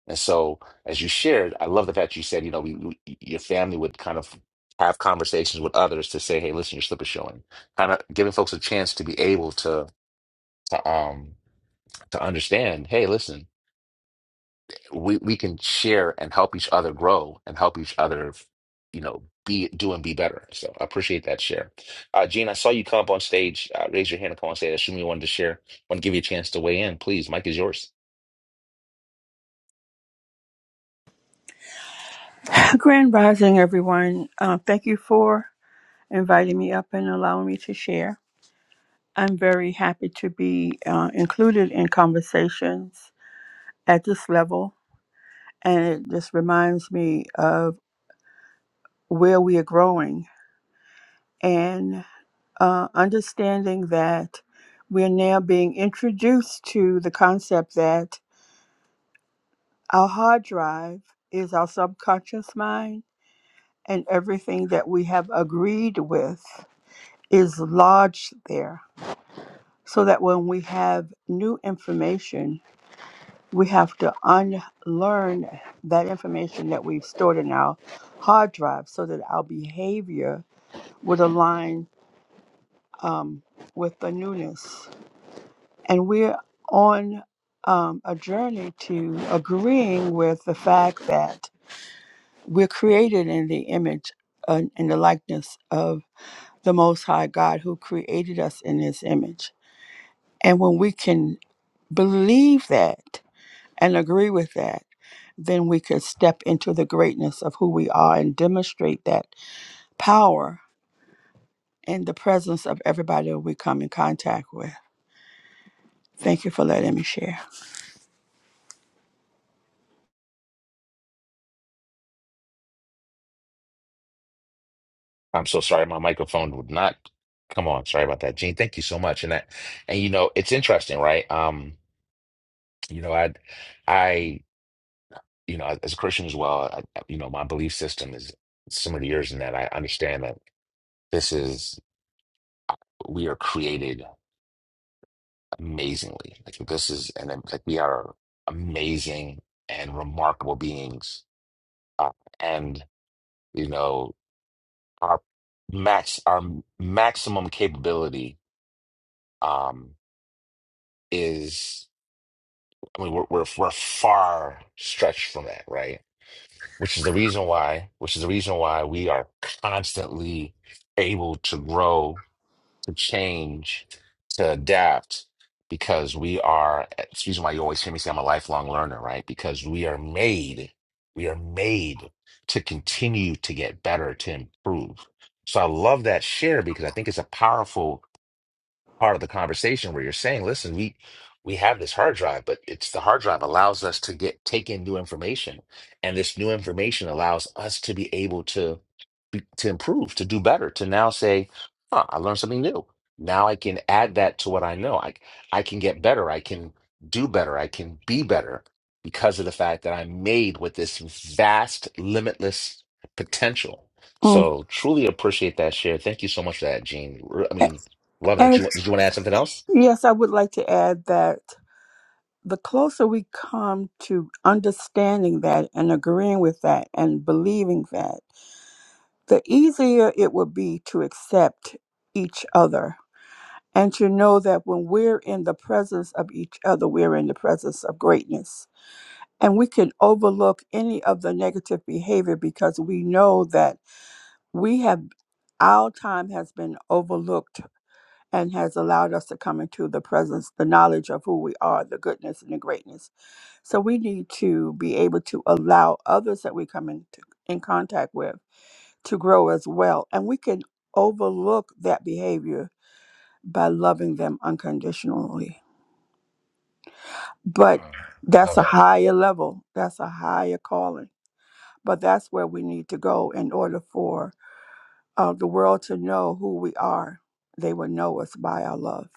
And so, as you shared, I love the fact you said, you know, we, we, your family would kind of have conversations with others to say, hey, listen, your slip is showing. Kind of giving folks a chance to be able to, to um to understand, hey, listen, we we can share and help each other grow and help each other, you know, be do and be better. So I appreciate that share. Uh, Gene, I saw you come up on stage. Uh, raise your hand and come on stage. I assume you wanted to share. Want to give you a chance to weigh in, please. Mike is yours.
Grand Rising, everyone. Uh, thank you for inviting me up and allowing me to share. I'm very happy to be uh, included in conversations at this level, and it just reminds me of where we are growing and uh, understanding that we're now being introduced to the concept that our hard drive is our subconscious mind, and everything that we have agreed with is lodged there so that when we have new information, we have to unlearn that information that we've stored in our hard drive so that our behavior would align um, with the newness. And we're on um, a journey to agreeing with the fact that we're created in the image and in the likeness of the Most High God who created us in His image. And when we can believe that, and agree with that, then we could step into the greatness of who we are and demonstrate that power in the presence of everybody that we come in contact with. Thank you for letting me share.
I'm so sorry, my microphone would not come on. Sorry about that, Gene. Thank you so much. And that, and you know, it's interesting, right? Um, you know, I, I, you know, as a Christian as well, I, you know, my belief system is similar to yours in that I understand that this is we are created. amazingly. Like this is and um, like we are amazing and remarkable beings, uh, and you know our max our maximum capability um, is. I mean, we're, we're we're far stretched from that, right? Which is the reason why, which is the reason why we are constantly able to grow to change, to adapt, because we are, it's the reason why you always hear me say I'm a lifelong learner, right? Because we are made, we are made to continue to get better, to improve. So I love that share because I think it's a powerful part of the conversation where you're saying, listen, we we have this hard drive, but it's the hard drive allows us to get take in new information, and this new information allows us to be able to be, to improve, to do better, to now say, huh, I learned something new. Now I can add that to what I know. I I can get better. I can do better. I can be better because of the fact that I'm made with this vast, limitless potential.
Mm.
So truly appreciate that share. Thank you so much for that, Gene. Re- I
A-
mean, Love that.
And
You did you want to add something else?
yes, I would like to add that the closer we come to understanding that and agreeing with that and believing that, the easier it will be to accept each other and to know that when we're in the presence of each other, we're in the presence of greatness. And we can overlook any of the negative behavior because we know that we have, our time has been overlooked and has allowed us to come into the presence, the knowledge of who we are, the goodness and the greatness. So we need to be able to allow others that we come into in contact with to grow as well. And we can overlook that behavior by loving them unconditionally. but
Mm,
that's
Love
a
that.
higher level that's a higher calling but that's where we need to go in order for uh, the world to know who we are they will know us by our love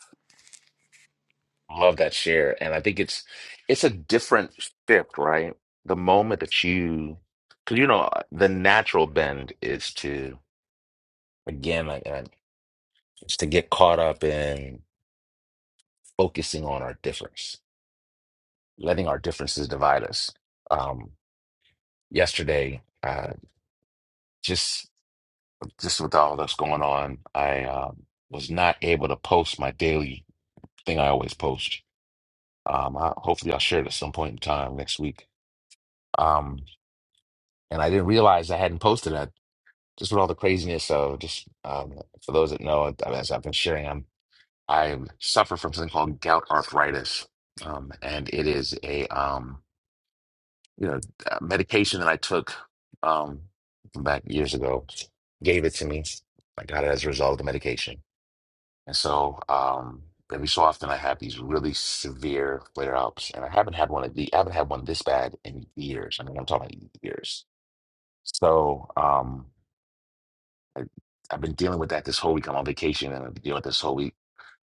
Love that share. And I think it's it's a different shift, right? The moment that you, because you know, uh, the natural bend is to again, like, I, it's to get caught up in focusing on our difference, letting our differences divide us. Um, yesterday, uh, just just with all that's going on, I um was not able to post my daily thing I always post. Um, I, hopefully, I'll share it at some point in time next week. Um, and I didn't realize I hadn't posted that. Just with all the craziness of just um, for those that know, uh, as I've been sharing, I'm, I suffer from something called gout arthritis, um, and it is a um, you know a medication that I took um, back years ago. Gave it to me. I got it as a result of the medication And so um, every so often I have these really severe flare ups, and I haven't had one of the I haven't had one this bad in years. I mean, I'm talking about years. So um, I, I've been dealing with that this whole week. I'm on vacation, and I've been dealing with this whole week.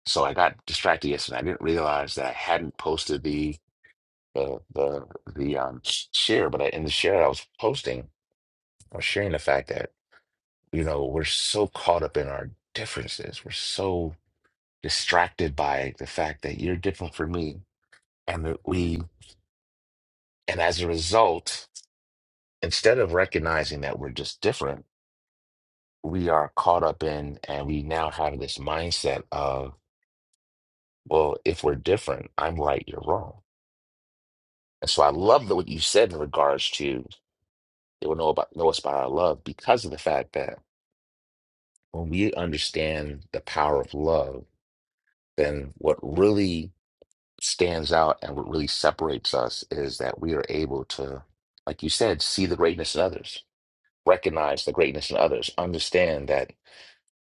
So I got distracted yesterday. I didn't realize that I hadn't posted the the the the um, sh- share, but I, in the share I was posting, I was sharing the fact that you know we're so caught up in our differences. We're so distracted by the fact that you're different from me and that we and as a result instead of recognizing that we're just different we are caught up in and we now have this mindset of well if we're different i'm right you're wrong and so i love that what you said in regards to they will know about know us by our love because of the fact that when we understand the power of love then what really stands out and what really separates us is that we are able to like you said see the greatness in others recognize the greatness in others, understand that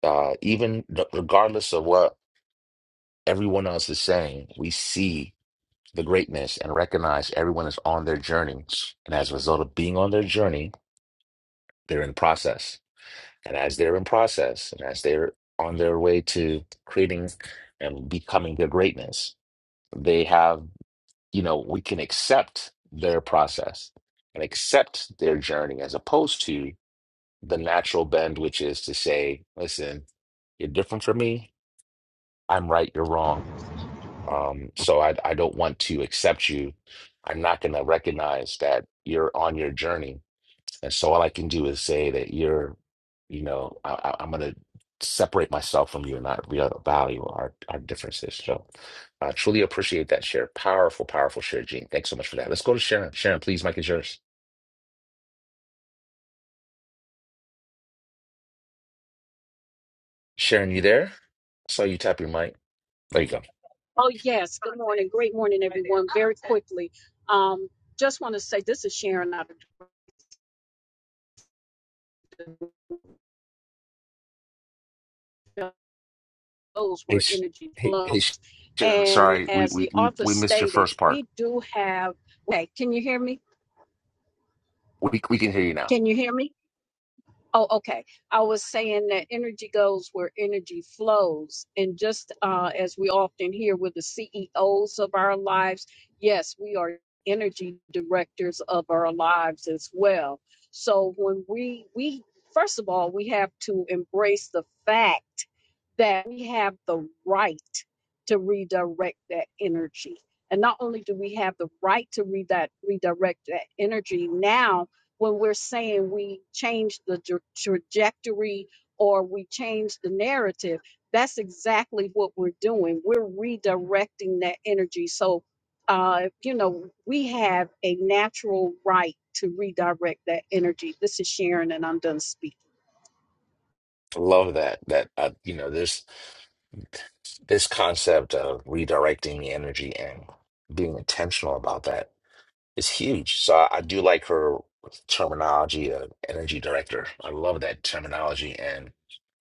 uh, even r- regardless of what everyone else is saying, we see the greatness and recognize everyone is on their journey. And as a result of being on their journey, they're in process. And as they're in process, and as they're on their way to creating and becoming their greatness, they have, you know, we can accept their process and accept their journey as opposed to the natural bend, which is to say, listen, you're different from me. I'm right, you're wrong. Um, so I, I don't want to accept you. I'm not going to recognize that you're on your journey. And so all I can do is say that you're, you know, I, I- I'm going to separate myself from you and not real value our, our differences. So I truly appreciate that share. Powerful, powerful share, Gene. Thanks so much for that. Let's go to Sharon. Sharon, please, Mike is yours. Sharon, you there? I saw you tap your mic. There you go.
Oh, yes. Good morning. Great morning, everyone. Very quickly. Um, just want to say this is Sharon out of those
Hey,
where
Sh-
energy
hey, hey,
flows.
Sh- Sharon, I'm
And
sorry, we,
as
we
the
we
author
we missed your
stated,
first part.
we do have. Hey, can you hear me?
We we can hear you now.
Can you hear me? Oh, okay. I was saying that energy goes where energy flows. And just uh, as we often hear with the CEOs of our lives, yes, we are energy directors of our lives as well. So when we, we, first of all, we have to embrace the fact that we have the right to redirect that energy. And not only do we have the right to read that redirect that energy now, when we're saying we change the tra- trajectory or we change the narrative, that's exactly what we're doing. We're redirecting that energy. So uh, you know, we have a natural right to redirect that energy. This is Sharon, and I'm done speaking.
Love that. That uh, you know, this this concept of redirecting the energy and being intentional about that. is huge. So I, I do like her terminology of energy director. I love that terminology. And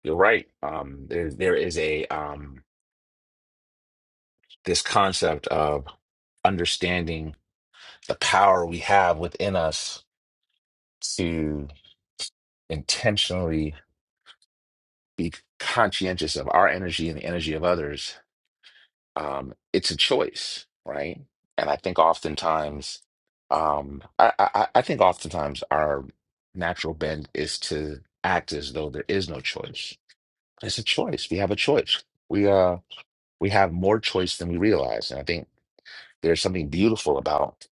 you're right. Um, there there is a um this concept of understanding the power we have within us to intentionally be conscientious of our energy and the energy of others um, it's a choice, right? And I think oftentimes, um, I, I, I I think oftentimes our natural bend is to act as though there is no choice. It's a choice. We have a choice. We uh we have more choice than we realize. And I think there's something beautiful about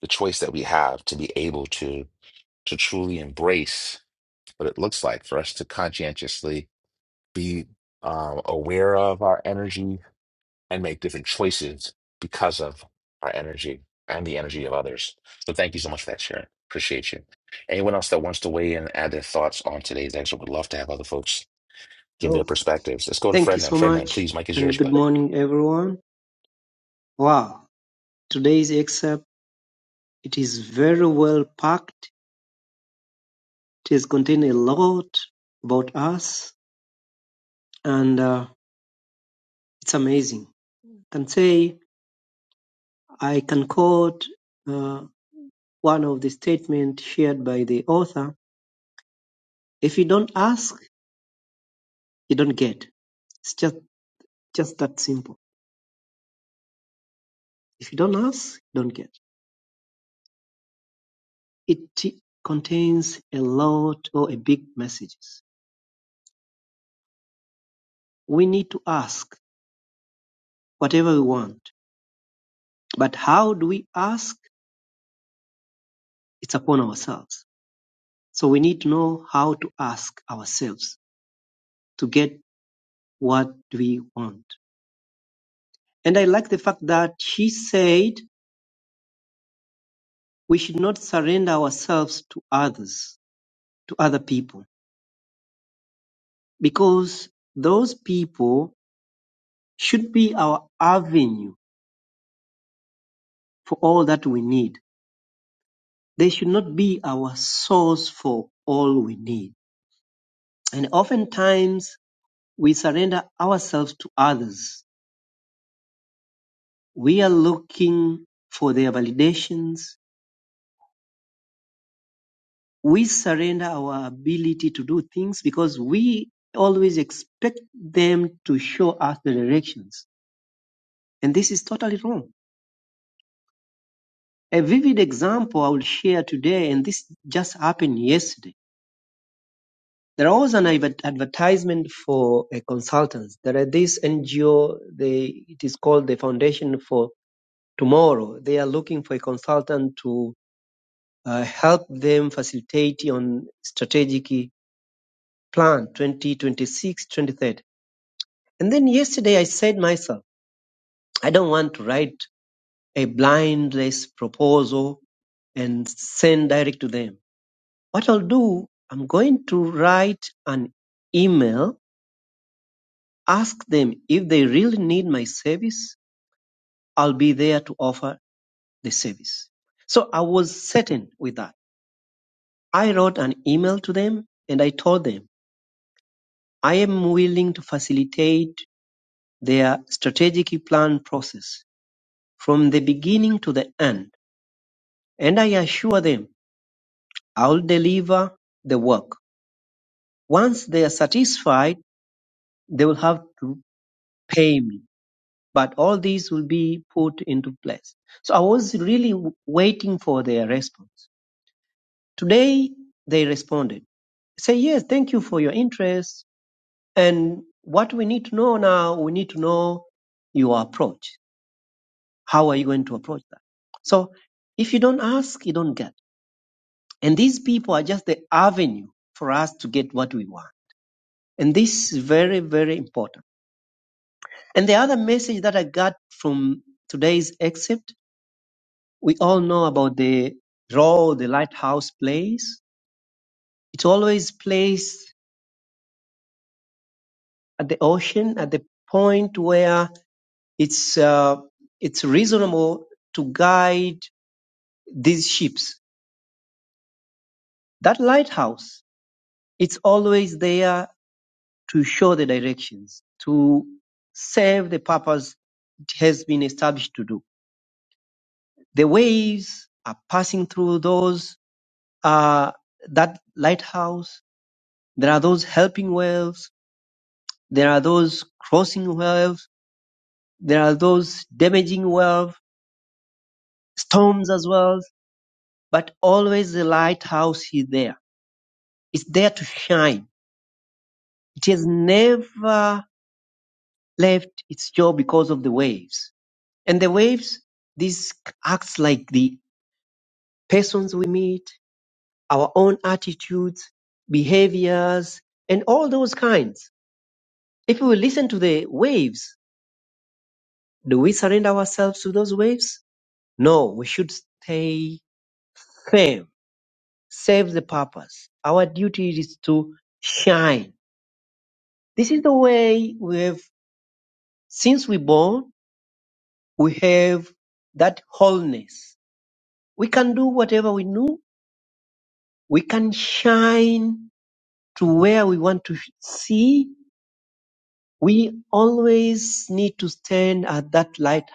the choice that we have to be able to to truly embrace what it looks like for us to conscientiously be um, aware of our energy, and make different choices because of our energy and the energy of others. So thank you so much for that, Sharon. Appreciate you. Anyone else that wants to weigh in and add their thoughts on today's excerpt would love to have other folks give their
Oh,
perspectives. Let's go to
thank you
Fredland.
so
Fredland,
much,
please, Mike is
and
yours,
good
bud.
morning, everyone. Wow, today's excerpt it is very well packed. It has contained a lot about us, and uh, it's amazing. I can say I can quote uh, one of the statements shared by the author: "If you don't ask, you don't get." It's just just that simple. If you don't ask, you don't get. It contains a lot or a big messages. We need to ask whatever we want. But how do we ask? It's upon ourselves. So we need to know how to ask ourselves to get what we want. And I like the fact that she said we should not surrender ourselves to others, to other people, because those people should be our avenue for all that we need. They should not be our source for all we need. And oftentimes we surrender ourselves to others We are looking for their validations. We surrender our ability to do things because we always expect them to show us the directions. And this is totally wrong. A vivid example I will share today, and this just happened yesterday. There was an advertisement for a consultant. There are this NGO, they, it is called the Foundation for Tomorrow. They are looking for a consultant to uh, help them facilitate on strategic plan 2026 23rd and then yesterday i said myself i don't want to write a blindless proposal and send direct to them what i'll do i'm going to write an email ask them if they really need my service i'll be there to offer the service so i was certain with that i wrote an email to them and i told them i am willing to facilitate their strategic plan process from the beginning to the end, and I assure them I'll deliver the work. Once they are satisfied, they will have to pay me. But all these will be put into place. So I was really waiting for their response. Today, they responded. Say, yes, thank you for your interest. And what we need to know now, we need to know your approach. How are you going to approach that? So if you don't ask, you don't get. And these people are just the avenue for us to get what we want. And this is very, very important. And the other message that I got from today's excerpt, we all know about the role the lighthouse plays. It's always placed at the ocean, at the point where it's, uh, it's reasonable to guide these ships. That lighthouse, it's always there to show the directions, to serve the purpose it has been established to do. The waves are passing through those, uh, that lighthouse. There are those helping waves. There are those crossing waves. There are those damaging waves, storms as well. But always the lighthouse is there. It's there to shine. It has never left its job because of the waves. And the waves, this acts like the persons we meet, our own attitudes, behaviors, and all those kinds. If we listen to the waves, do we surrender ourselves to those waves? No, we should stay firm, serve the purpose. Our duty is to shine. This is the way we have, since we born, we have that wholeness. We can do whatever we know. We can shine to where we want to see we always need to stand at that light.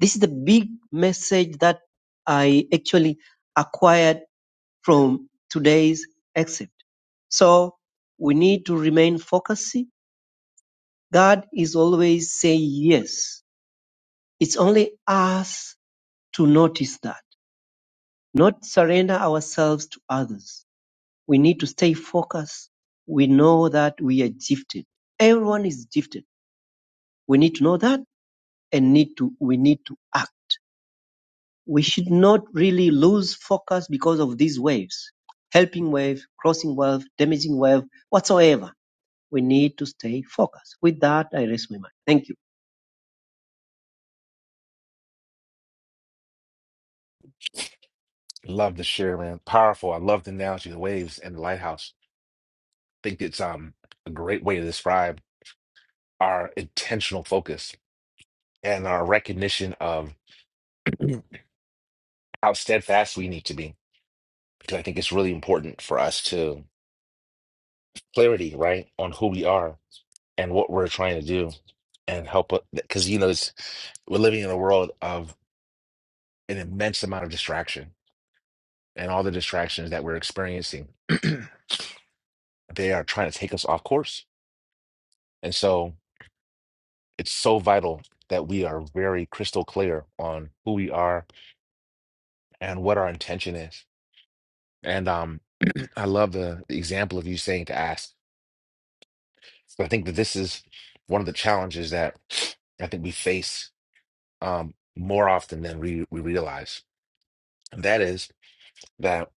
This is the big message that I actually acquired from today's exit. So we need to remain focused. God is always saying yes. It's only us to notice that, not surrender ourselves to others. We need to stay focused. We know that we are gifted. Everyone is gifted. We need to know that and need to, we need to act We should not really lose focus because of these waves. Helping wave, crossing wave, damaging wave, whatsoever. We need to stay focused. With that, I raise my mind. Thank you.
Love the share, man. Powerful. I love the analogy of the waves and the lighthouse. I think it's um a great way to describe our intentional focus and our recognition of how steadfast we need to be. Because I think it's really important for us to clarity, right, on who we are and what we're trying to do and help because you know it's, we're living in a world of an immense amount of distraction and all the distractions that we're experiencing they are trying to take us off course and so it's so vital that we are very crystal clear on who we are and what our intention is and um i love the, the example of you saying to ask so i think that this is one of the challenges that i think we face um more often than we, we realize And That is. that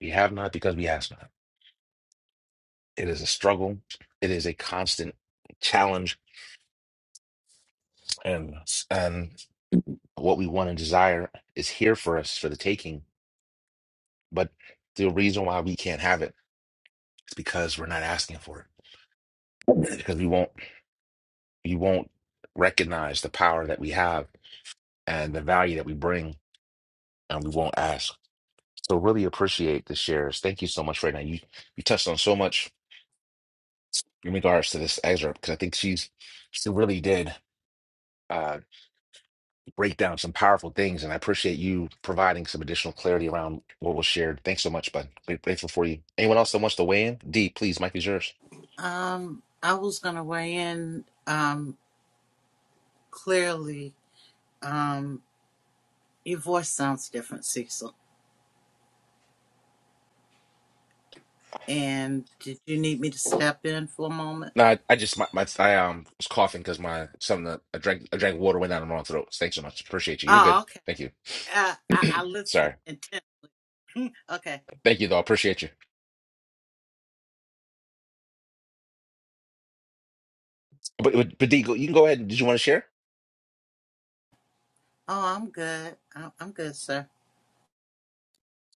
we have not because we ask not. It is a struggle. It is a constant challenge, and and what we want and desire is here for us for the taking. But the reason why we can't have it is because we're not asking for it. Because we won't we won't recognize the power that we have and the value that we bring, and we won't ask. So really appreciate the shares. Thank you so much right now. You you touched on so much in regards to this excerpt because I think she's she really did. uh, break down some powerful things. And I appreciate you providing some additional clarity around what was shared. Thanks so much, bud. Great- Grateful for you. Anyone else that wants to weigh in? D, please, Mike is yours.
Um, I was gonna weigh in. Um, clearly, um, your voice sounds different, Cecil. And did you need me to step in for a moment?
No, I, I just my, my I um was coughing because my something that I drank I drank water went down in my throat. Thanks so much. Appreciate you. You're
Oh,
good.
okay.
Thank you.
Uh, I, I listen
Sorry.
intent. okay.
Thank you though. I appreciate you. But but, but D, go- you can go ahead. Did you want to share?
Oh, I'm good. I'm, I'm good, sir.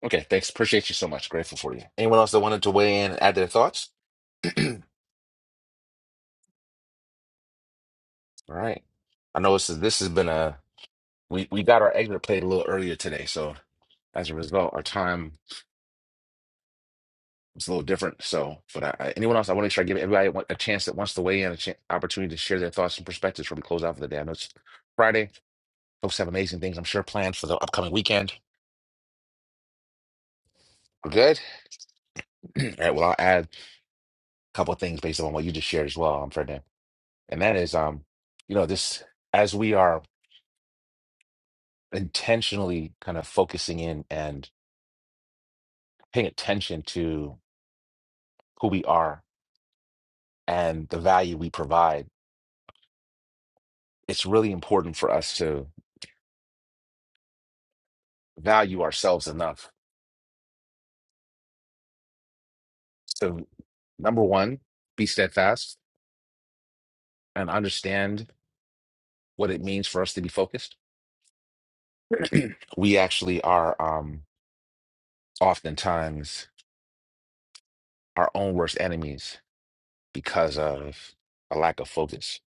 Okay, thanks. Appreciate you so much. Grateful for you. Anyone else that wanted to weigh in and add their thoughts? All right. I know this is this has been a we we got our exit played a little earlier today, so as a result, our time was a little different. So, but I, I- anyone else, I want to make sure I give everybody one- a chance that wants to weigh in, a chan opportunity to share their thoughts and perspectives before we close out for the day. I know it's Friday. Folks have amazing things I'm sure planned for the upcoming weekend. We're good. All right. Well, I'll add a couple of things based on what you just shared as well, um, Ferdinand, and that is, um, you know, this as we are. intentionally kind of focusing in and paying attention to who we are and the value we provide, it's really important for us to value ourselves enough. So, number one, be steadfast and understand what it means for us to be focused. we actually are um, oftentimes our own worst enemies because of a lack of focus.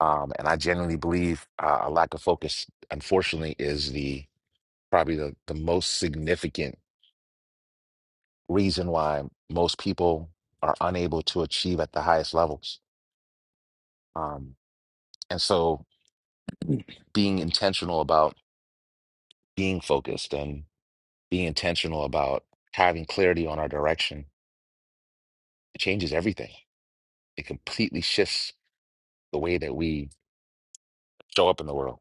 Um, and I genuinely believe uh, a lack of focus, unfortunately, is the probably the, the most significant reason why most people are unable to achieve at the highest levels. Um, and so being intentional about being focused and being intentional about having clarity on our direction, it changes everything. It completely shifts the way that we show up in the world.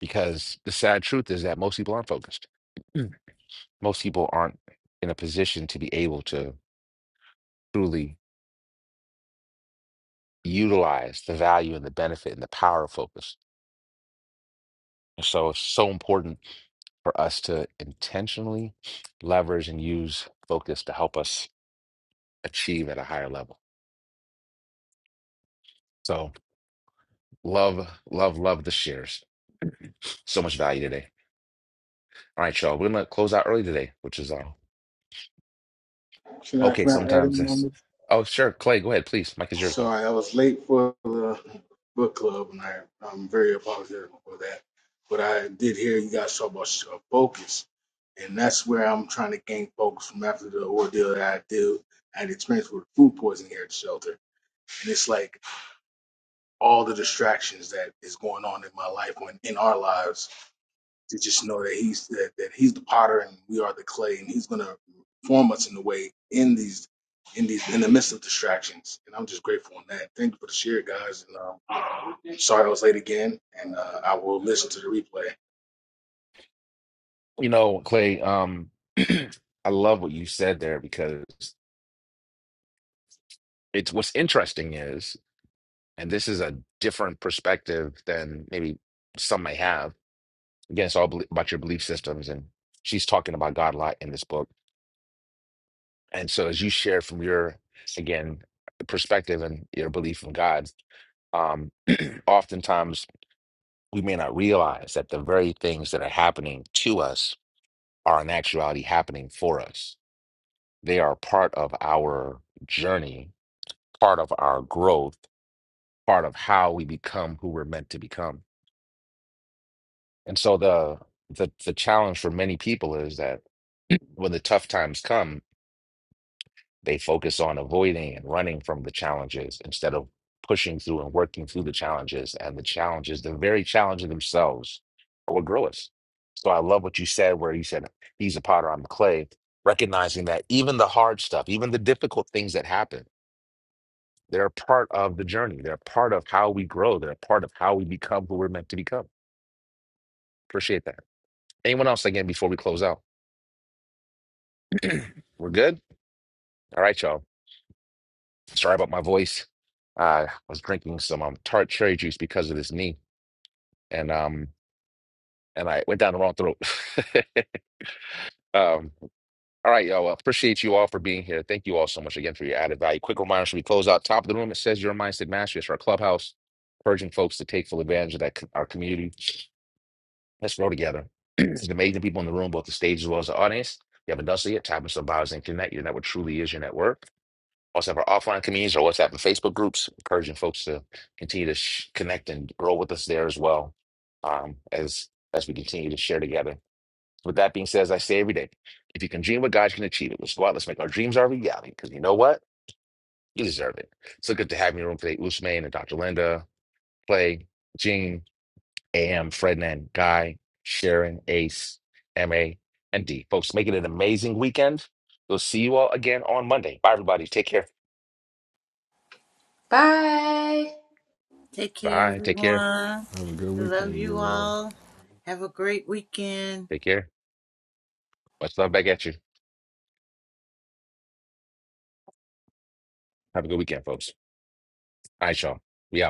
Because the sad truth is that most people aren't focused. Mm. Most people aren't in a position to be able to truly utilize the value and the benefit and the power of focus And so it's so important for us to intentionally leverage and use focus to help us achieve at a higher level. So love, love, love the shares. So much value today. All right, y'all. We're gonna close out early today, which is uh
Should I,
okay.
can I add
Sometimes
in on
this.
this?
Oh, sure, Clay. Go ahead, please. Mike is yours, bud.
Sorry, I was late for the book club, and I, I'm very apologetic for that. But I did hear you guys talk about uh, focus, and that's where I'm trying to gain focus from after the ordeal that I did. I had experience with food poisoning here at the shelter, and it's like all the distractions that is going on in my life, when in our lives, to just know that he's that, that he's the potter and we are the clay and he's gonna form us in the way in these in these in the midst of distractions and i'm just grateful on that thank you for the share guys and um, sorry i was late again and uh, i will listen to the replay
You know, Clay. Um, I love what you said there because it's what's interesting is, and this is a different perspective than maybe some may have Again, it's all belie- about your belief systems. And she's talking about God a lot in this book. And so, as you share from your, again, perspective and your belief in God, um, oftentimes we may not realize that the very things that are happening to us are in actuality happening for us. They are part of our journey, part of our growth, part of how we become who we're meant to become. And so, the the, the challenge for many people is that when the tough times come They focus on avoiding and running from the challenges instead of pushing through and working through the challenges. And the challenges, the very challenges themselves, are what grow us. So I love what you said, where you said, He's a potter, I'm the clay, recognizing that even the hard stuff, even the difficult things that happen, they're a part of the journey. They're a part of how we grow. They're a part of how we become who we're meant to become. Appreciate that. Anyone else again before we close out? We're good? All right, y'all. Sorry about my voice. Uh, I was drinking some um, tart cherry juice because of this knee, and um, and I went down the wrong throat. um, all right, y'all. Well, appreciate you all for being here. Thank you all so much again for your added value. Quick reminder: should we close out top of the room? It says "Your Mindset Mastery." It's our clubhouse, urging folks to take full advantage of that co- our community. Let's grow together. There's amazing people in the room, both the stage as well as the audience. If you haven't done so yet, tap in some bios and connect. Your network truly is your network. also have our offline communities, our WhatsApp and Facebook groups, encouraging folks to continue to sh- connect and grow with us there as well um, as as we continue to share together. With that being said, as I say every day, if you can dream what God can achieve it. Let's go out, let's make our dreams our reality, because you know what? You deserve it. So good to have you in the room today, Usman and Dr. Linda, Clay, Gene, AM, Frednan, Guy, Sharon, Ace, MA, and D. Folks, make it an amazing weekend. We'll see you all again on Monday. Bye, everybody. Take care.
bye
Take care,
Bye. Take care.
everyone.
Have a good
I love
weekend,
you
you all.
all. Have a great weekend.
Take care. Much love back at you. Have a good weekend, folks. All right, y'all. We out.